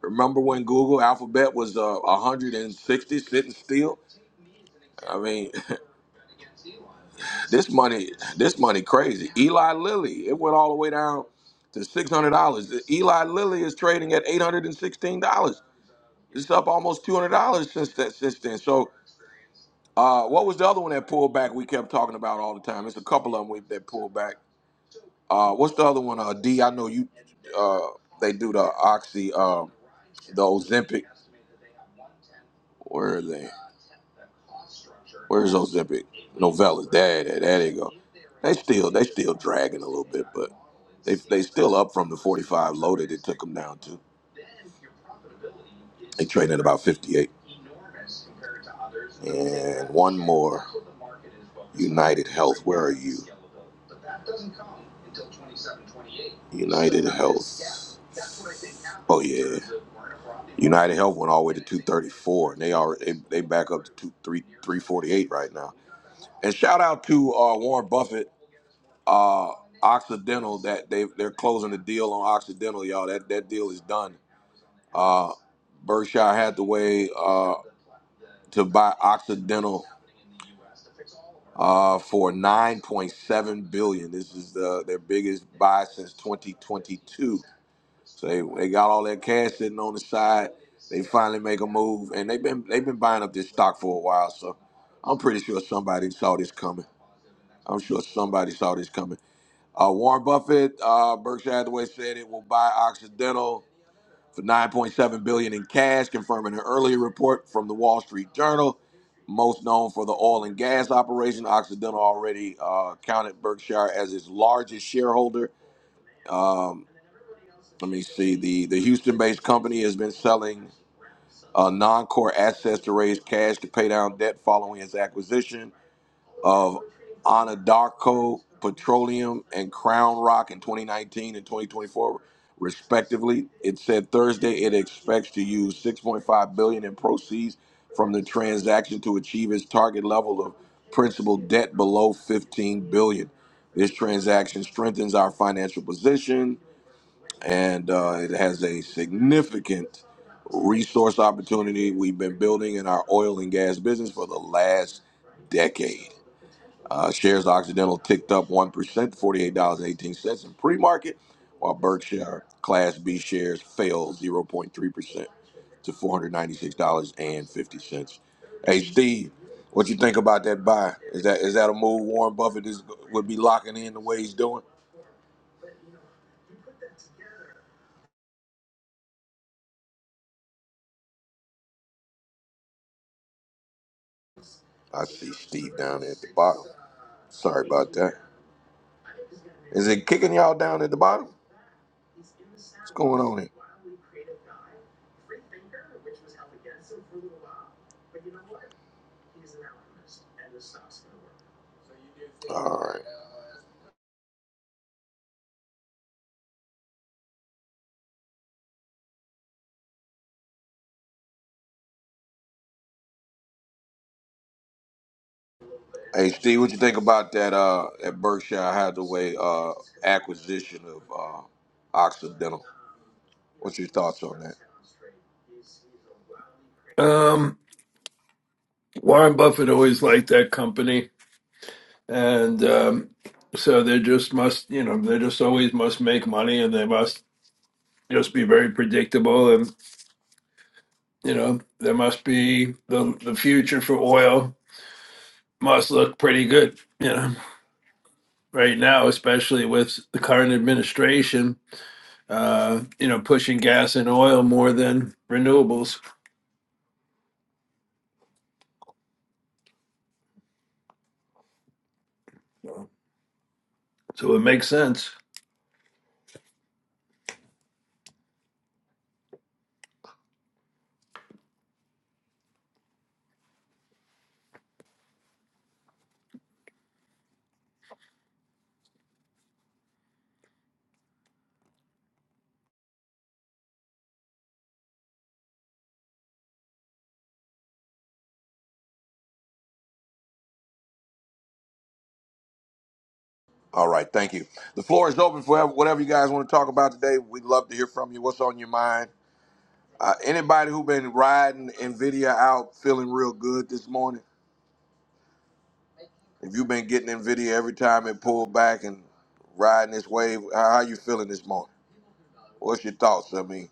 Remember when Google Alphabet was uh, 160 sitting still? I mean, [LAUGHS] this money, this money crazy. Eli Lilly, it went all the way down to $600. Eli Lilly is trading at $816. It's up almost $200 since that since then. So, uh, what was the other one that pulled back? We kept talking about all the time. It's a couple of them we, that pulled back. Uh, what's the other one? Uh, D. I know you. Uh, they do the oxy. Um, the Ozempic. Where are they? Where's Ozempic? Novellas. There, there, there they go. They still, they still dragging a little bit, but they they still up from the 45 low that it took them down to. They trading at about 58. And one more. United Health. Where are you? United Health. Oh yeah. United Health went all the way to 234, and they are they, they back up to two, 348 right now. And shout out to uh, Warren Buffett, uh, Occidental. That they they're closing the deal on Occidental, y'all. That that deal is done. Uh, Berkshire Hathaway uh, to buy Occidental uh, for 9.7 billion. This is the, their biggest buy since 2022. So they, they got all that cash sitting on the side. They finally make a move, and they've been they've been buying up this stock for a while. So I'm pretty sure somebody saw this coming. I'm sure somebody saw this coming. Uh, Warren Buffett, uh, Berkshire Hathaway said it will buy Occidental for 9.7 billion dollars in cash, confirming an earlier report from the Wall Street Journal. Most known for the oil and gas operation, Occidental already uh, counted Berkshire as its largest shareholder. Um, let me see. The the Houston-based company has been selling uh, non-core assets to raise cash to pay down debt following its acquisition of Anadarko Petroleum and Crown Rock in 2019 and 2024, respectively. It said Thursday it expects to use 6.5 billion dollars in proceeds from the transaction to achieve its target level of principal debt below 15 billion. dollars. This transaction strengthens our financial position and uh, it has a significant resource opportunity we've been building in our oil and gas business for the last decade. Uh, shares of Occidental ticked up 1% to $48.18 in pre-market, while Berkshire Class B shares fell 0.3% to $496.50. Hey Steve, what you think about that buy? Is that is that a move Warren Buffett is would be locking in the way he's doing? I see Steve down there at the bottom. Sorry about that. Is it kicking y'all down at the bottom? What's going on here? All right. Hey Steve, what you think about that uh at Berkshire Hathaway uh acquisition of uh Occidental? What's your thoughts on that?
Um, Warren Buffett always liked that company, and um, so they just must, you know, they just always must make money, and they must just be very predictable, and you know, there must be the the future for oil must look pretty good, you know, right now, especially with the current administration, uh, you know, pushing gas and oil more than renewables, so it makes sense.
All right, thank you. The floor is open for whatever you guys want to talk about today. We'd love to hear from you. What's on your mind? Uh, anybody who been riding Nvidia out feeling real good this morning? If you've been getting Nvidia every time it pulled back and riding this wave, how, how you feeling this morning? What's your thoughts? I mean,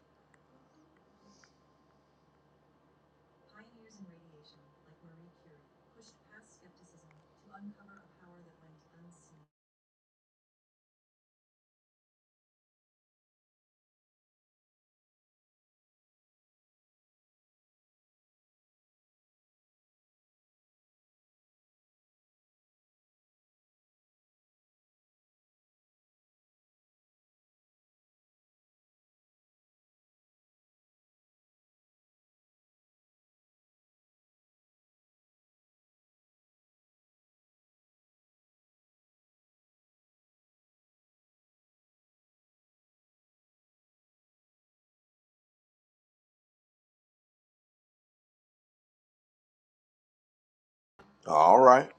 all right.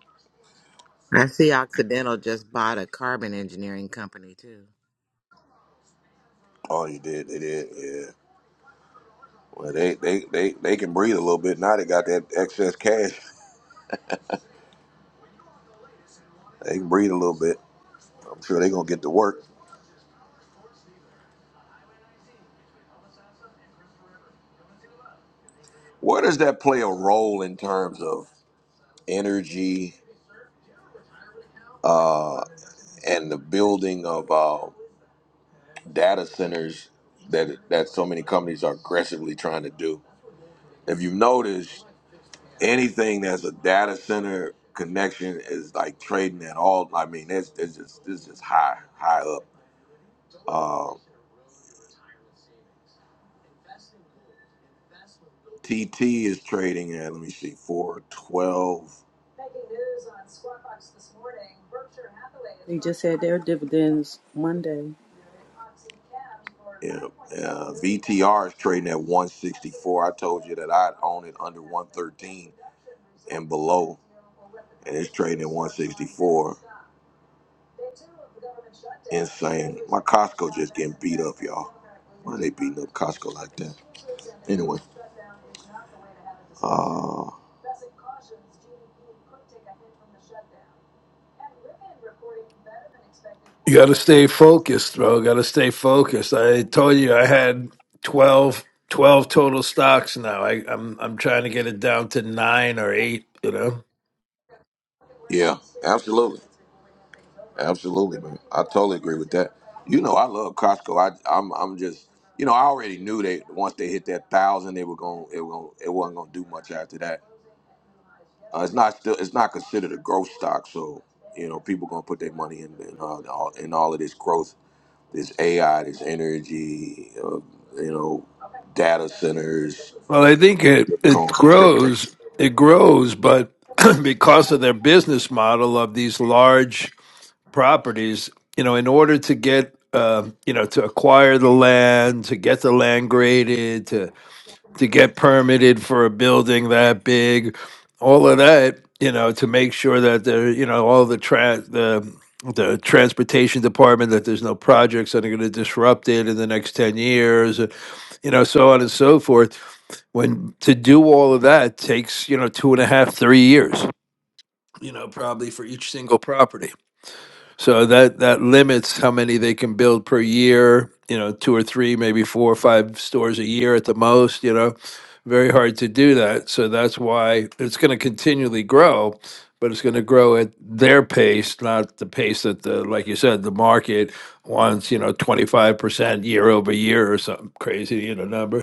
I see Occidental just bought a carbon engineering company too.
Oh, you did. They did. Yeah. Well, they, they, they, they can breathe a little bit now. They got that excess cash. They can breathe a little bit. I'm sure they're gonna get to work. Where does that play a role in terms of energy uh, and the building of uh, data centers that that so many companies are aggressively trying to do? If you have noticed anything that's a data center connection is like trading at all. I mean, it's, it's just it's just high high up. Um, TT is trading at let me see, four twelve,
They just had their dividends Monday.
trading at one six of Costco like that. Uh,
You got to stay focused, bro. Got to stay focused. I told you I had 12, 12 total stocks now. I, I'm I'm trying to get it down to nine or eight. You know.
absolutely, absolutely, man. I totally agree with that. You know, I love Costco. I, I'm, I'm just, you know, I already knew that once they hit that thousand, they were going, it were, gonna, it wasn't going to do much after that. Uh, it's not still, it's not considered a growth stock, so you know, people going to put their money in, in, all, all- in all of this growth, this AI, this energy, uh, you know, data centers
Well, I think it it
Bitcoin and crypto.
grows. It grows, but [CLEARS THROAT] because of their business model of these large properties, you know, in order to get, uh, you know, to acquire the land, to get the land graded, to get permitted for a building that big, all of that, you know, to make sure that there, you know, all the tra- the the transportation department that there's no projects that are going to disrupt it in the next 10 years, uh, you know, so on and so forth. When to do all of that takes, you know, two and a half, three years, you know, probably for each single property. So that that limits how many they can build per year. You know, two or three, maybe four or five stores a year at the most. You know, very hard to do that. So that's why it's going to continually grow, but it's going to grow at their pace, not the pace that the like you said the market wants. You know, twenty five percent year over year or something crazy. You know, number.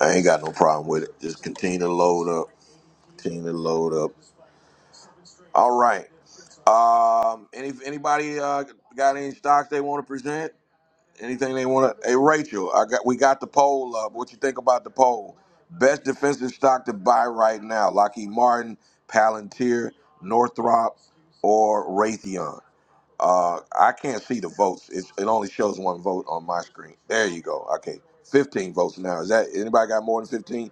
I ain't got no problem with it. Just continue to load up. Continue to load up. All right. Um. Any anybody uh, got any stocks they want to present? Anything they want to? Hey, Rachel, I got we got the poll up. What you think about the poll? Best defensive stock to buy right now: Lockheed Martin, Palantir, Northrop, or Raytheon. Uh, I can't see the votes. It's, it only shows one vote on my screen. There you go. Okay, fifteen votes now. Is that anybody got more than fifteen?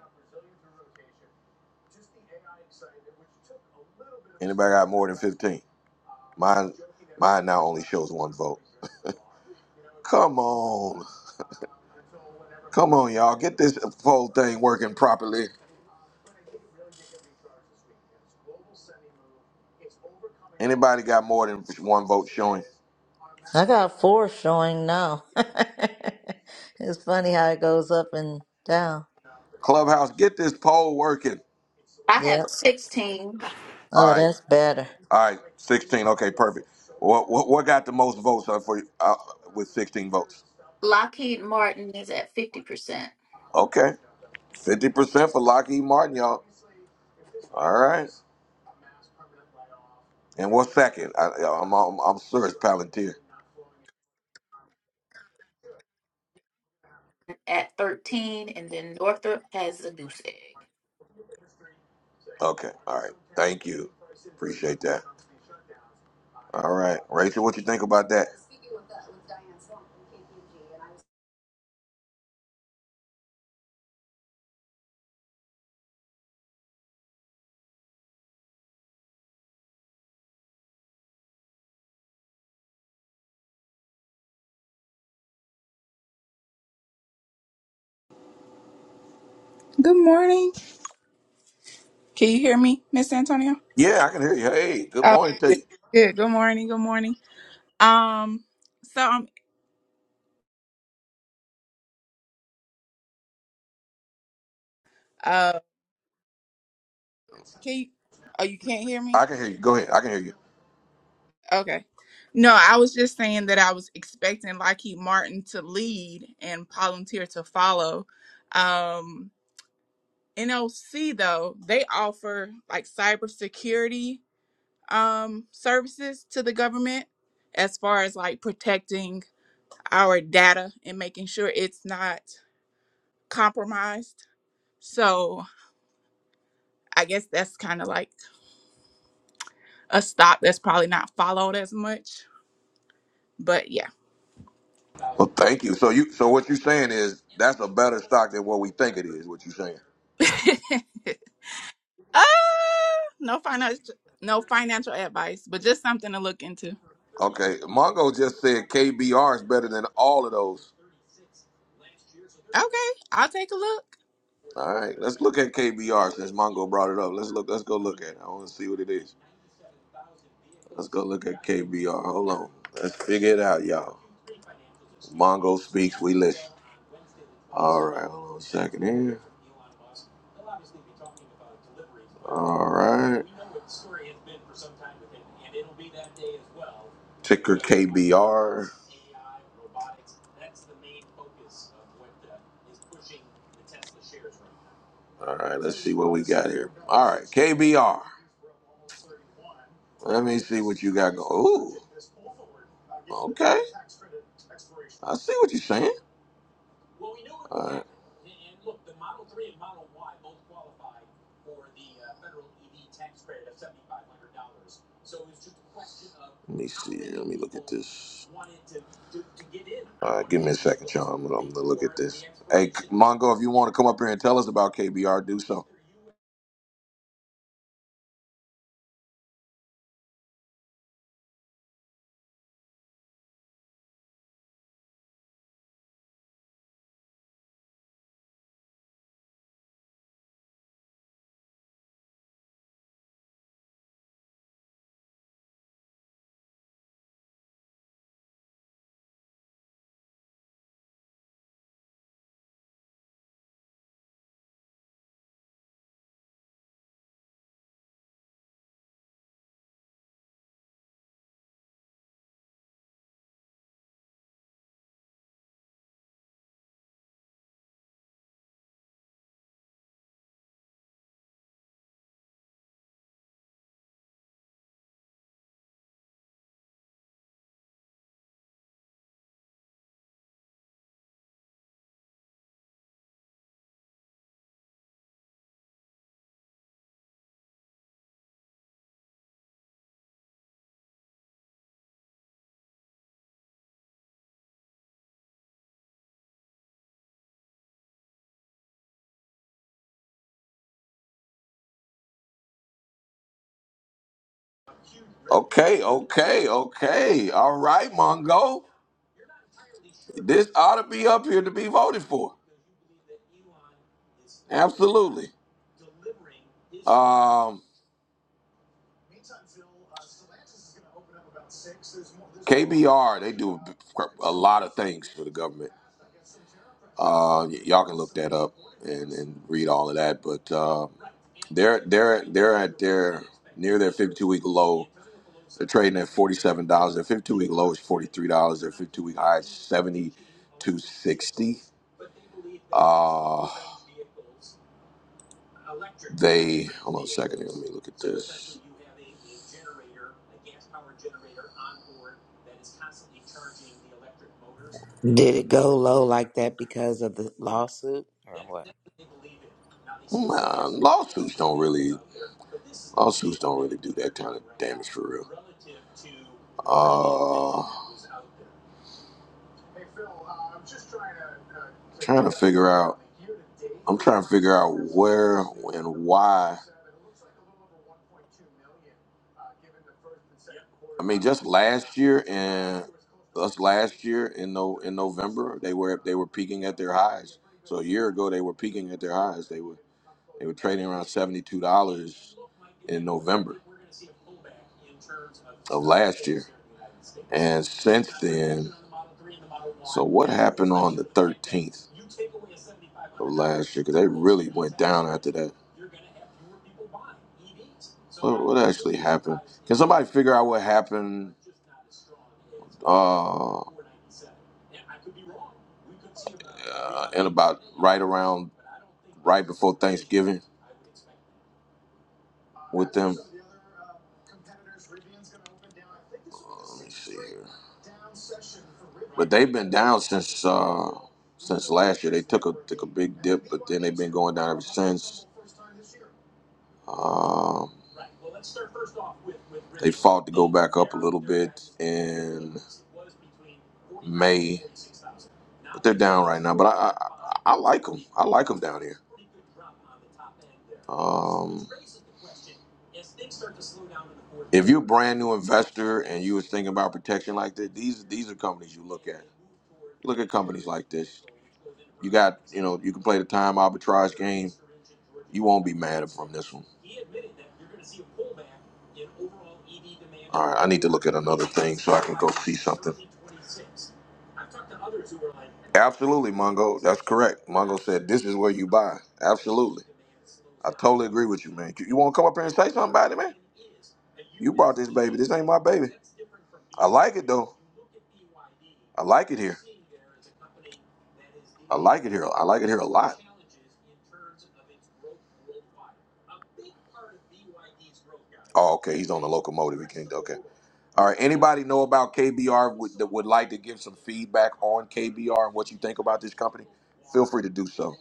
Anybody got more than 15? Mine mine now only shows one vote. Come on. Come on, y'all. Get this poll thing working properly. Anybody got more than one vote showing?
I got four showing now. [LAUGHS] it's funny how it goes up and down.
Clubhouse, get this poll working.
Yeah.
All
Oh,
right.
that's better.
All right. 16. Okay, perfect. What what, what got the most votes uh, for uh, with 16 votes? Okay. 50% for Lockheed Martin, y'all. All right. And what's second? I, I'm, I'm, I'm sure it's Palantir. Okay. All right. Thank you. Appreciate that. All right, Rachel, what you think about that?
Good morning. Can you hear me, Miss Antonio?
Yeah, I can hear you. Hey, good
Oh,
morning to
good.
you.
Good. Good morning. Good morning. Um, so um, uh, can you? Oh, you can't hear me?
I can hear you. Go ahead. I can hear you.
Okay. No, I was just saying that I was expecting Lockheed Martin to lead and Palantir to follow. Um, NOC though they offer like cybersecurity um services to the government as far as like protecting our data and making sure it's not compromised. So I guess that's kind of like a stock that's probably not followed as much. But yeah.
Well, thank you. So you, so what you're saying is that's a better stock than what we think it is. What you're saying?
[LAUGHS] uh, no financial no financial advice, but just something to look into.
Okay. Mongo just said KBR is better than all of those.
Okay, I'll take a look.
All right. Let's look at KBR since Mongo brought it up. Let's look. Let's go look at it. I want to see what it is. Let's go look at KBR. Hold on. Let's figure it out, y'all. Mongo speaks. We listen. All right. Hold on a second here. All right. Ticker KBR. All right. see what you're saying. Let me just- Mongo, if you want to come up here and tell us about KBR, do so. Okay, okay, okay. All right, Mongo. This ought to be up here to be voted for. Absolutely. Um, KBR, they do a lot of things for the government. Uh, y- y'all can look that up and read all of that. But uh, week low trading at forty seven dollars. Their fifty two week low is forty three dollars. Their fifty two week high is sixty. Look
Did it go low like that because of the lawsuit or what?
this for real. Just last year and us last year in no in November they were they were peaking at their highs. So a year ago they were peaking at their highs. They were they were trading around seventy two dollars in November, and since thirteenth down after that, figure out what happened uh around with them. Uh, Let me see here, but they've been down since uh since last year. They took a took a big dip, but then they've been going down ever since. Um, I like 'em. I like them down here. Brand new investment. thing about protection like that. These these are companies you look at like this. know, you can play the time arbitrage You won't be mad from this one. Need to look at another. Absolutely, Mongo. That's correct. Mongo said this is where you buy. Absolutely. totally agree with you, man. You, you want to come up here and say something about it, man? Baby, this ain't my baby. like it though. I like it here. I like it here. I like it here a lot. Oh, okay. He's on the locomotive. He can't. Okay. All right. Anybody know about KBR would, that would like to give some feedback on KBR and what you think about this company? Feel free to do so.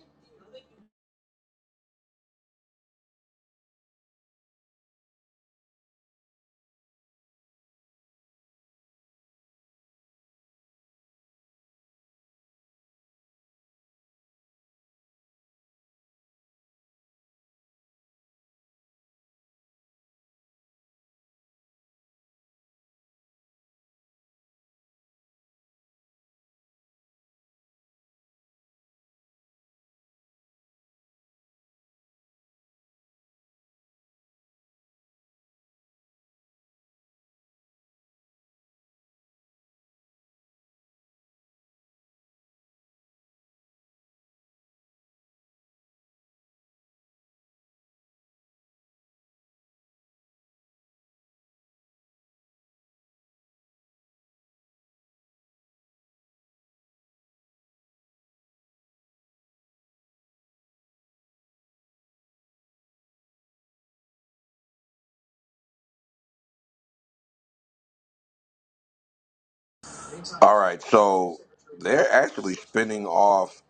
All right, so they're actually spinning off.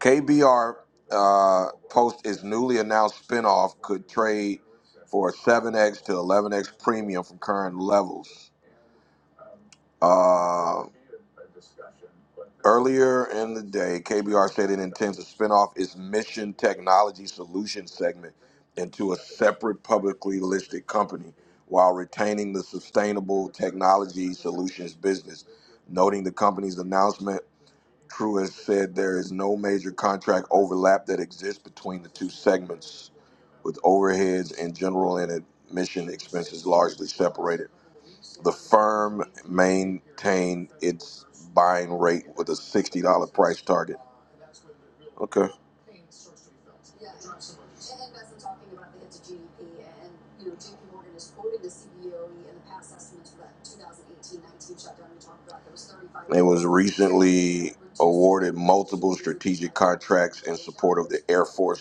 KBR uh, post its newly announced spinoff could trade for a 7x to 11x premium from current levels. Uh, earlier in the day, KBR said it intends to spin off its Mission Technology Solutions segment into a separate publicly listed company while retaining the Sustainable Technology Solutions business noting the company's announcement True has said there is no major contract overlap that exists between the two segments, with overheads and general and admission expenses largely separated. The firm maintained its buying rate with a $60 price target. Okay. For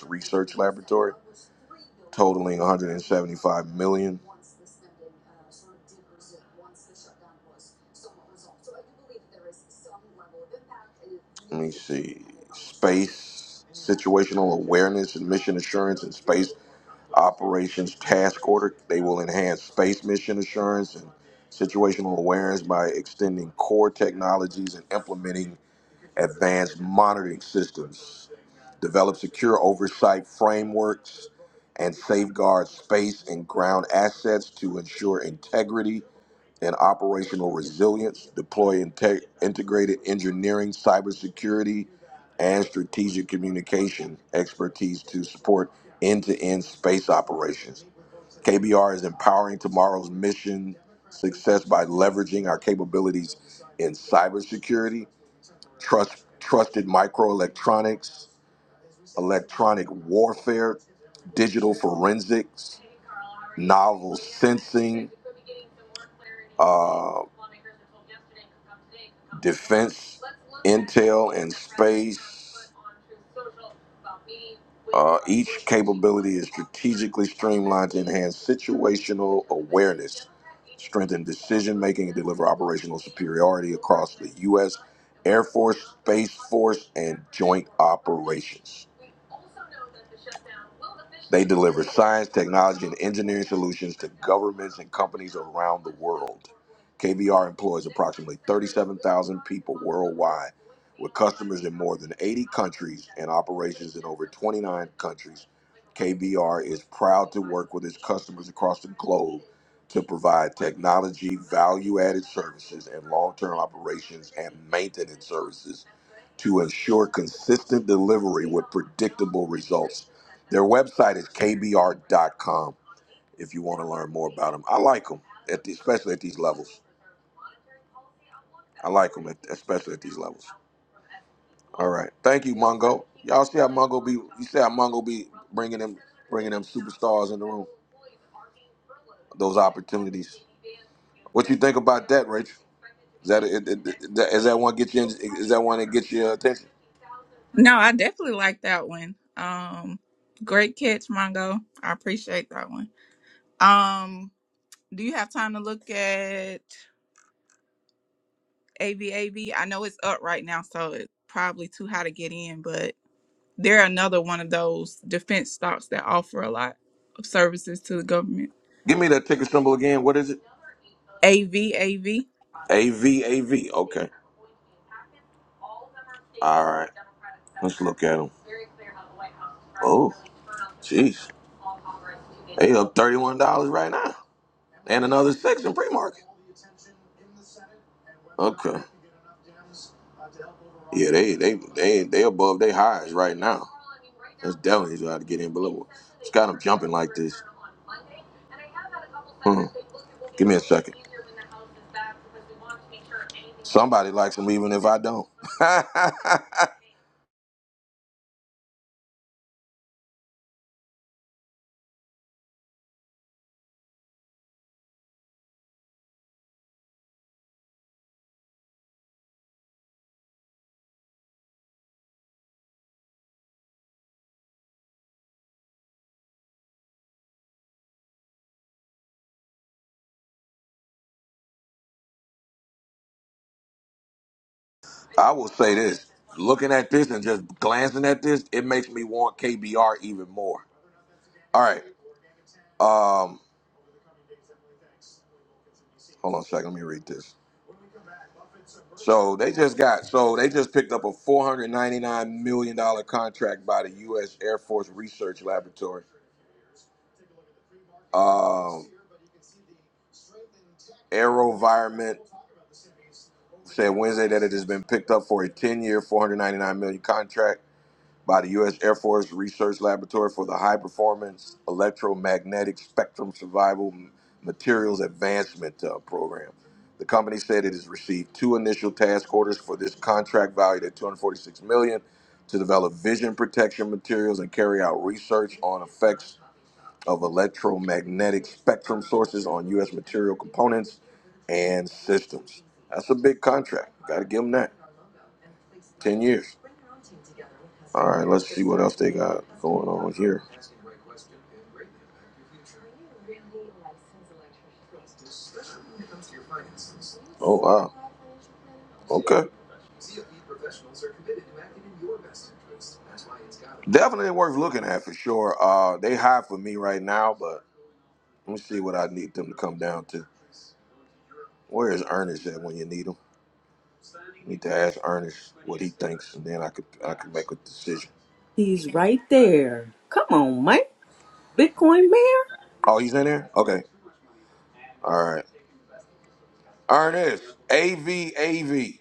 space, situational awareness and mission assurance and space operations task order, they will enhance space mission assurance and situational awareness by extending core technologies and implementing advanced monitoring systems, develop secure oversight frameworks, and safeguard space and ground assets to ensure integrity and operational resilience, deploy inte- integrated engineering, cybersecurity, and strategic communication expertise to support end to end space operations. KBR is empowering tomorrow's mission success by leveraging our capabilities in cybersecurity trust, trusted microelectronics, electronic warfare, digital forensics, and operations. They deliver science, technology, and engineering solutions to governments and companies around the world. KBR employs approximately 37,000 people worldwide, with customers in more than 80 countries and operations in over 29 countries. KBR is proud to work with its customers across the globe to provide technology, value added services, and long term operations and maintenance services to ensure consistent delivery with predictable results. Their website is kbr dot com. if you want to learn more about them. I like them, at the, especially at these levels. I like them, at, especially at these levels. All right. Thank you, Mongo. Y'all see how Mongo be, you see how Mongo be bringing them, bringing them superstars in the room, those opportunities. What you think about that, Rachel? Is is that one get you? Is that one that gets your attention?
No, I definitely like that one. Um great catch, Mongo. I appreciate that one. Um do you have time to look at AVAV? I know it's up right now, so it's probably too high to get in, but. They're another one of those defense stocks that offer a lot of services to the government.
Give me that ticker symbol again. What is it?
AV, AV.
VAV. Up thirty-one dollars right now, and another six in pre-market. Okay. Yeah, they they they they above their highs right. now. And if I don't, [LAUGHS] I will say this: looking at this and just glancing at this, it makes me want KBR even more. All right, um, hold on a second. Let me read this. So they just got so they just picked up a four hundred ninety nine million dollar contract by the U.S. Air Force Research Laboratory. Um, AeroVironment said Wednesday that it has been picked up for a ten year, four hundred ninety nine million contract by the U.S. Air Force Research Laboratory for the High Performance Electromagnetic Spectrum Survival Materials Advancement uh, Program. The company said it has received two initial task orders for this contract valued at 246 million dollars to develop vision protection materials and carry out research of electromagnetic spectrum years. Oh wow. Okay. Definitely worth looking at for sure. Uh they high for me right now, but let me see what I need them to come down to. Where is Ernest at when you need him? Need to ask Ernest what he thinks, and then I could I could make a decision.
He's right there. Come on, Mike. Bitcoin Mayor.
Oh, he's in there. Okay. All right. Ernest, AV, AV.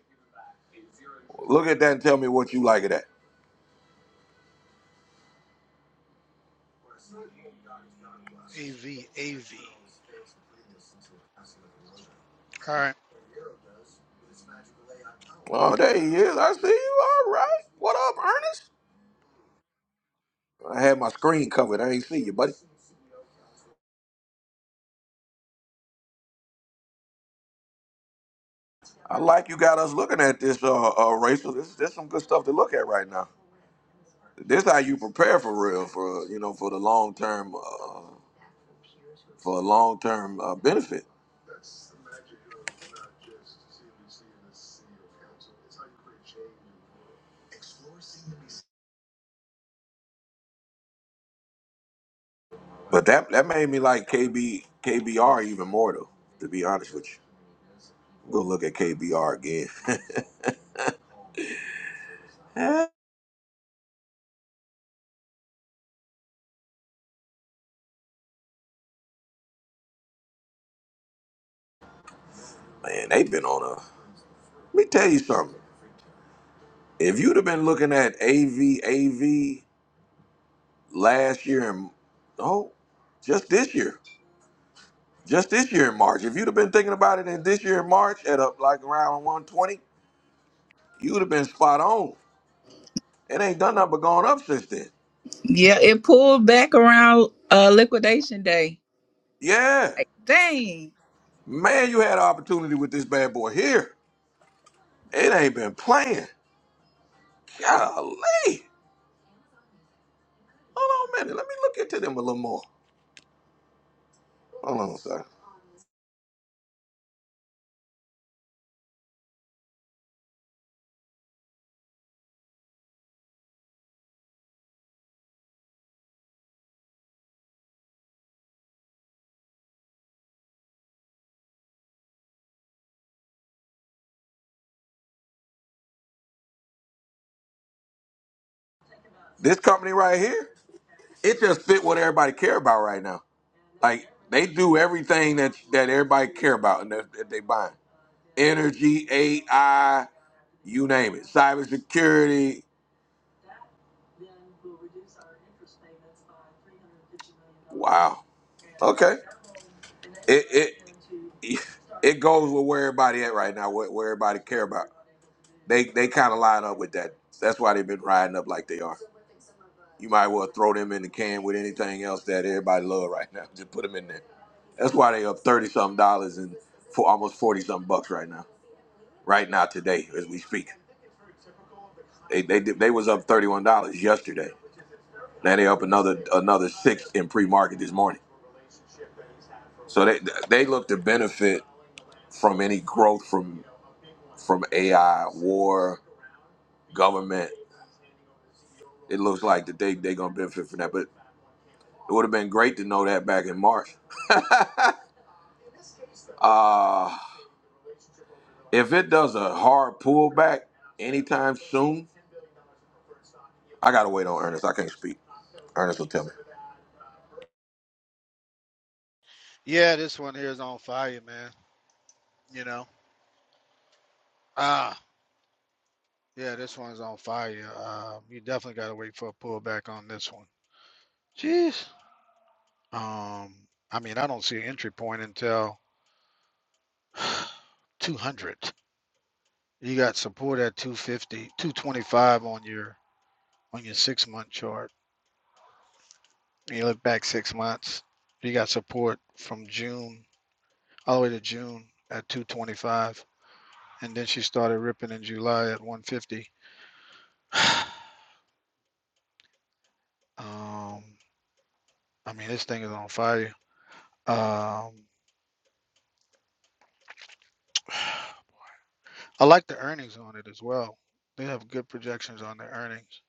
Look at that and tell me what you like of that.
AV, AV. All right.
Oh, there he is. I see you. All right. What up, Ernest? I had my screen covered. I ain't see you, buddy. I like you got us looking at this, uh, uh Rachel. This, this some good stuff to look at right now. This how you prepare for real, for you know, for the long term, uh, for a long term uh, benefit. But that that made me like KB KBR even more though. To be honest with you, I'm gonna look at KBR again. [LAUGHS] Man, they've been on a. Let me tell you something. If you'd have been looking at A V A V last year and oh, just this year, just this year in March. If you'd have been thinking about it in this year in March at up like around 120, you'd have been spot on. It ain't done nothing but gone up since then.
Yeah, it pulled back around uh liquidation day.
Yeah,
Like, dang.
man, you had an opportunity with this bad boy here. It ain't been playing. Golly. Hold on a minute. Let me look into them a little more. Hold on, sir. This company right here, it just fit what everybody care about right now. Like they do everything that that everybody care about and that, that they buying. Energy, AI, you name it. Cybersecurity. Wow. Okay. It it [LAUGHS] it goes with where everybody at right now, what where everybody care about. They they kind of line up with that. That's why they've been riding up like they are. You might well throw them in the can with anything else that everybody love right now. [LAUGHS] Just put them in there. That's why they up thirty something dollars and for almost forty something bucks right now. Right now today as we speak, they they did- they was up thirty one dollars yesterday. Now they up another another six in pre market this morning. So they they look to benefit from any growth from from AI, war, government. It looks like that they they gonna benefit from that. But it would have been great to know that back in March. [LAUGHS] uh If it does a hard pullback anytime soon, I gotta wait on Ernest. I can't speak. Ernest will tell me.
Yeah, this one here is on fire, man. You know. Ah, yeah, this one's on fire. Um, you definitely gotta wait for a pullback on this one. Jeez. Um, I mean, I don't see an entry point until 200. You got support at 250, 225 on your on your six month chart. You look back six months. You got support from June all the way to June at 225, and then she started ripping in July at 150. [SIGHS] Um, I mean, this thing is on fire. Um, [SIGHS] I like the earnings on it as well. They have good projections on their earnings.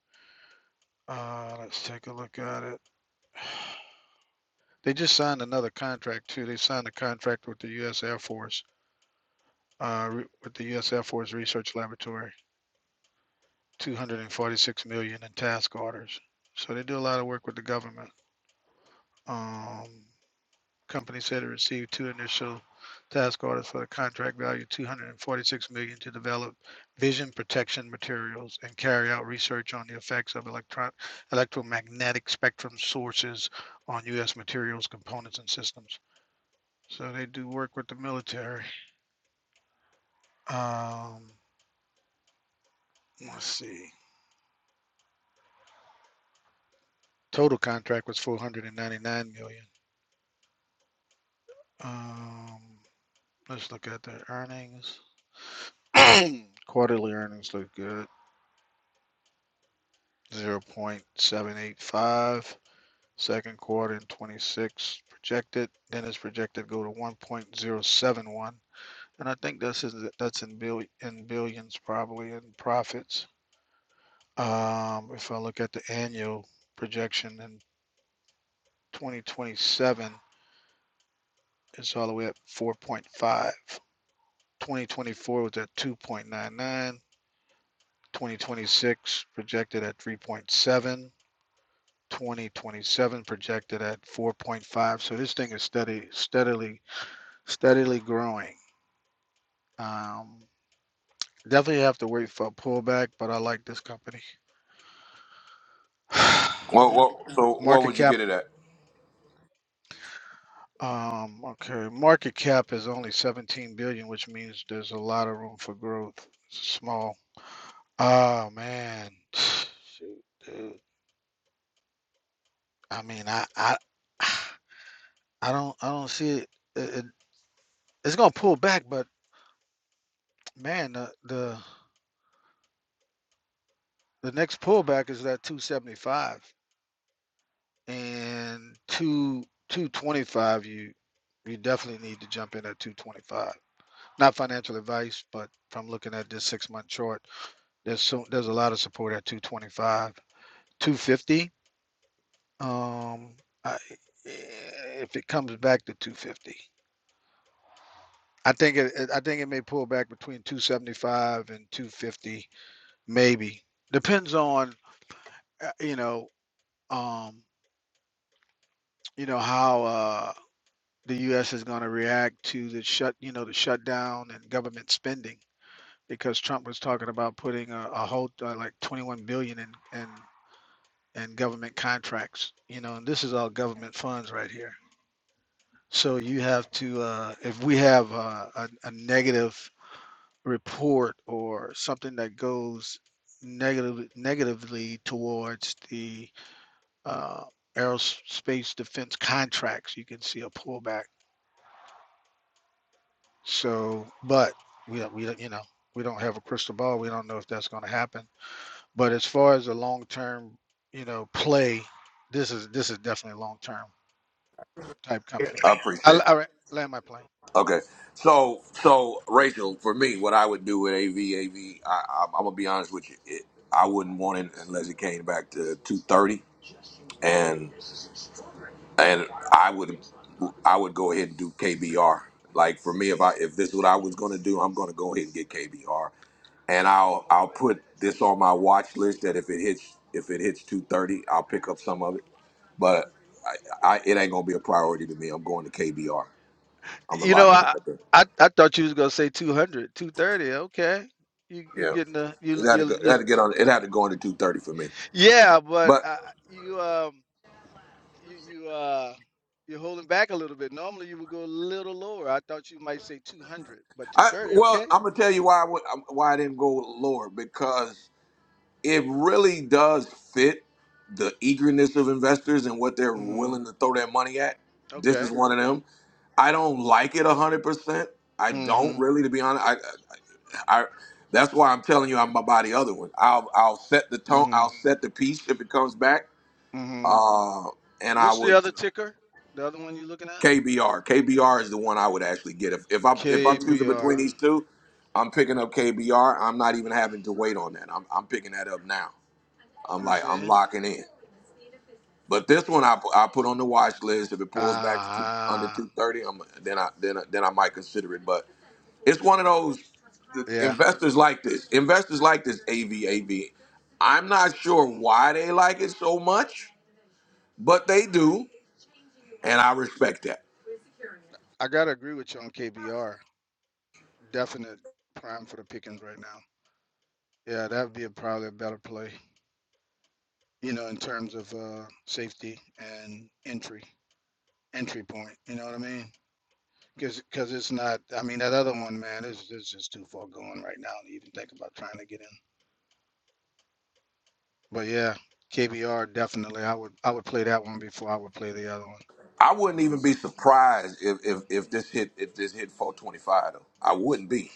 Uh, let's take a look at it. They just signed another contract too. They signed a contract with the U.S. Air Force, uh, re- with the U.S. Air Force Research Laboratory, 246 million in task orders. So they do a lot of work with the government. Um, companies had received two initial task orders for a contract value two hundred and forty-six million million to develop vision protection materials and carry out research on the effects of electron, electromagnetic spectrum sources on U.S. materials, components, and systems. So they do work with the military. Um, let's see. Total contract was four hundred and ninety-nine million. dollars. Um, let's look at the earnings. [CLEARS THROAT] Quarterly earnings look good. zero point seven eight five. Second quarter in twenty-six projected, then it's projected to go to one point zero seven one. And I think this is, that's in bill, in billions probably in profits. Um, if I look at the annual projection in twenty twenty-seven, it's all the way up four point five. Twenty twenty-four was at two point nine nine. Twenty twenty-six projected at three point seven. twenty twenty-seven projected at four point five. So this thing is steady, steadily, steadily growing. Um, definitely have to wait for a pullback, but I like this company. [SIGHS]
Well, well so what
Market
would you
cap,
get it at?
um, okay, market cap is only seventeen billion, which means there's a lot of room for growth. It's small. Oh man, [SIGHS] shoot, dude. I mean, I, I, [SIGHS] I don't, I don't see it. it, it it's gonna pull back, but man, the the The next pullback is that 275 and two 225. You you definitely need to jump in at 225. Not financial advice, but from looking at this six month chart, there's so there's a lot of support at 225, 250. Um, I, eh, if it comes back to 250, I think it I think it may pull back between 275 and 250, maybe. Depends on uh, you know um, you know how. Uh, the U.S. is going to react to the shut, you know, the shutdown and government spending because Trump was talking about putting a, a whole uh, like 21 billion in in in government contracts, you know, and this is all government funds right here. So you have to, uh, if we have uh, a, a negative report or something that goes negatively negatively towards the uh, aerospace defense contracts, you can see a pullback So, but we we you know, we don't have a crystal ball. We don't know if that's going to happen. But as far as a long term, you know, play, this is this is definitely a long term type company.
I
I
appreciate. It.
re- land my plane.
Okay. So, so Rachel, for me, what I would do with AV, AV, I, am gonna be honest with you. It, I wouldn't want it unless it came back to 230. and. and I would I would go ahead and do KBR. Like for me, if I if this is what I was going to do, I'm going to go ahead and get KBR, and I'll I'll put this on my watch list that if it hits if it hits 2:30, I'll pick up some of it. But I, I it ain't going to be a priority to me. I'm going to KBR. I'm gonna
You know,
lock it
I
right there.
I, I thought you was gonna say two hundred, two thirty. Okay, you you
Yeah,
getting the
it
you
had to go,
you,
it
you
had to get on. It had to go into 2:30 for me.
yeah, but
But
uh, you um you you uh you're holding back a little bit. Normally you would go a little lower. I thought you might say 200, but
I
230.
well,
Okay.
I'm gonna tell you why I would, why I didn't go lower because it really does fit the eagerness of investors and what they're
Mm-hmm.
willing to throw their money at. This
Okay.
is one of them. I don't like it hundred percent. I don't
Mm-hmm.
really, to be honest. I, I, that's why I'm telling you, I'm about the other one. I'll, I'll set the tone. I'll
Mm-hmm.
set the piece if it comes back.
Mm-hmm.
Uh, and I
What's the
would
other ticker? The other one you're looking at?
KBR. KBR is the one I would actually get if if I'm if I'm choosing between
KBR.
these two. I'm picking up KBR. I'm not even having to wait on that. I'm, I'm picking that up now. I'm
Let me
like
see.
I'm locking in. But this
Eh,
one I, pu- I put on the watch list. If it pulls back to two, under
Ah,
two thirty, I'm then I then I, then I might consider it. But it's one of those the
yeah.
investors like this. Investors like this AV AV. I'm not sure why they like it so much, but they do, and I respect that.
I gotta agree with you on KBR. Definite prime for the pickings right now. Yeah, that would be a, probably a better play. You know, in terms of uh, safety and entry, entry point. You know what I mean? Because because it's not. I mean, that other one, man, is is just too far going right now to even think about trying to get in. But yeah, KBR definitely. I would I would play that one before I would play the other one.
I wouldn't even be surprised if if, if this hit if this hit 425 though. I wouldn't be,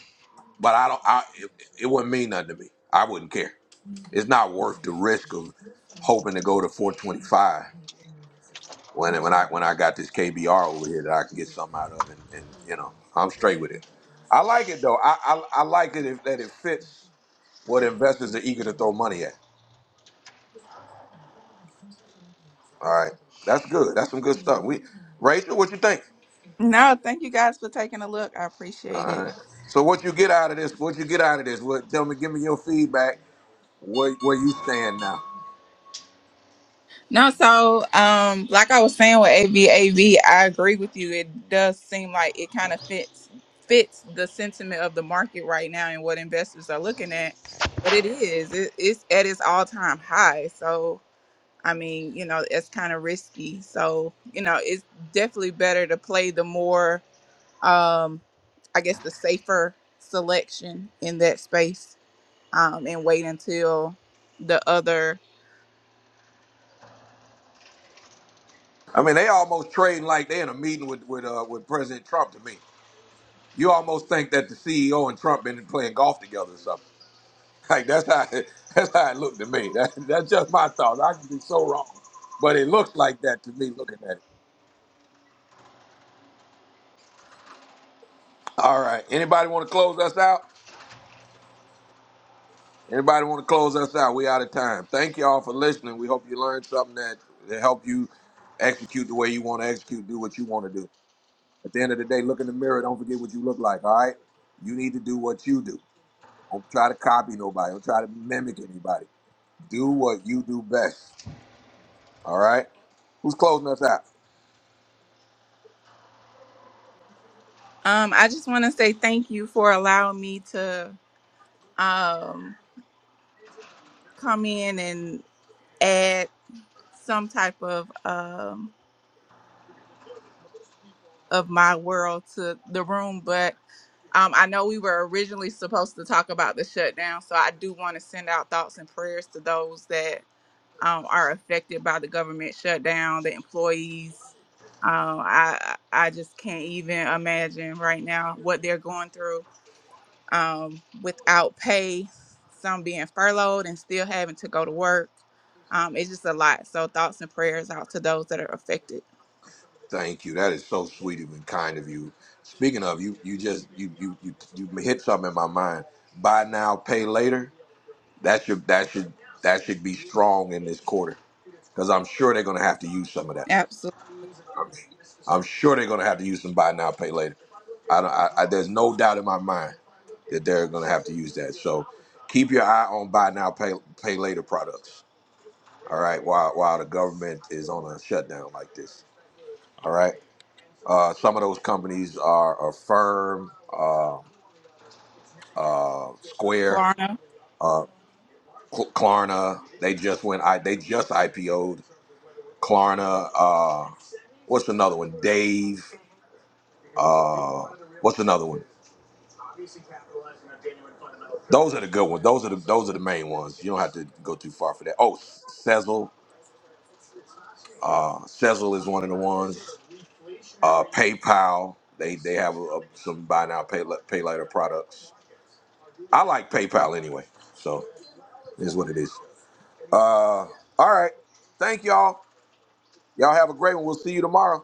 but I don't. I it, it wouldn't mean nothing to me. I wouldn't care. It's not worth the risk of hoping to go to 425 when when I when I got this KBR over here that I can get something out of, and, and you know I'm straight with it. I like it though. I I, I like it if, that it fits what investors are eager to throw money at. All right, that's good. That's some good stuff. We, Rachel, what you think?
No, thank you guys for taking a look. I
All
appreciate it.
right. So what you get out of this? What you get out of this? What? Tell me. Give me your feedback. Where where you stand now?
No, so um, like I was saying with AVAV, I agree with you. It does seem like it kind of fits fits the sentiment of the market right now and what investors are looking at. But it is it, it's at its all time high. So I mean, you know, it's kind of risky. So, you know, it's definitely better to play the more, um, I guess, the safer selection in that space um, and wait until the other.
I mean, they almost trading like they in a meeting with with uh, with President Trump to me. You almost think that the CEO and Trump been playing golf together or something. Like that's how it, [LAUGHS] that's how it looked to me. That, that's just my thought. I could be so wrong, but it looks like that to me looking at it. All right. Anybody want to close us out? Anybody want to close us out? We out of time. Thank you all for listening. We hope you learned something that that help you execute the way you want to execute, do what you want to do. At the end of the day, look in the mirror. Don't forget what you look like. All right. You need to do what you do. Don't try to copy nobody. Don't try to mimic anybody. Do what you do best. All right. Who's closing us out?
Um, I just want to say thank you for allowing me to um, come in and add some type of um, of my world to the room. But Um, I know we were originally supposed to talk about the shutdown, so I do want to send out thoughts and prayers to those that um, are affected by the government shutdown, the employees. Um, I I just can't even imagine right now what they're going through um, without pay, some being furloughed and still having to go to work. Um, it's just a lot. So thoughts and prayers out to those that are affected.
Thank you. That is so sweet and kind of you. Speaking of you, you just you you you, you hit something in my mind. Buy now, pay later. That should that should that should be strong in this quarter, because I'm sure they're going to have to use some of that.
Absolutely,
I'm, I'm sure they're going to have to use some buy now, pay later. I, don't, I, I there's no doubt in my mind that they're going to have to use that. So keep your eye on buy now, pay pay later products. All right, while while the government is on a shutdown like this. All right. Uh, some of those companies are Affirm, uh, uh, Square,
Klarna.
uh, Cl- Klarna. They just went. I they just IPO'd Klarna. Uh, what's another one? Dave. Uh, what's another one? Those are the good ones. Those are the those are the main ones. You don't have to go too far for that. Oh, Sezzle. Uh, Sezzle is one of the ones. Uh, PayPal. They they have a, a- some buy now pay, la- pay later products. I like PayPal anyway, so it is what it is. Uh, all right. Thank y'all. Y'all have a great one. We'll see you tomorrow.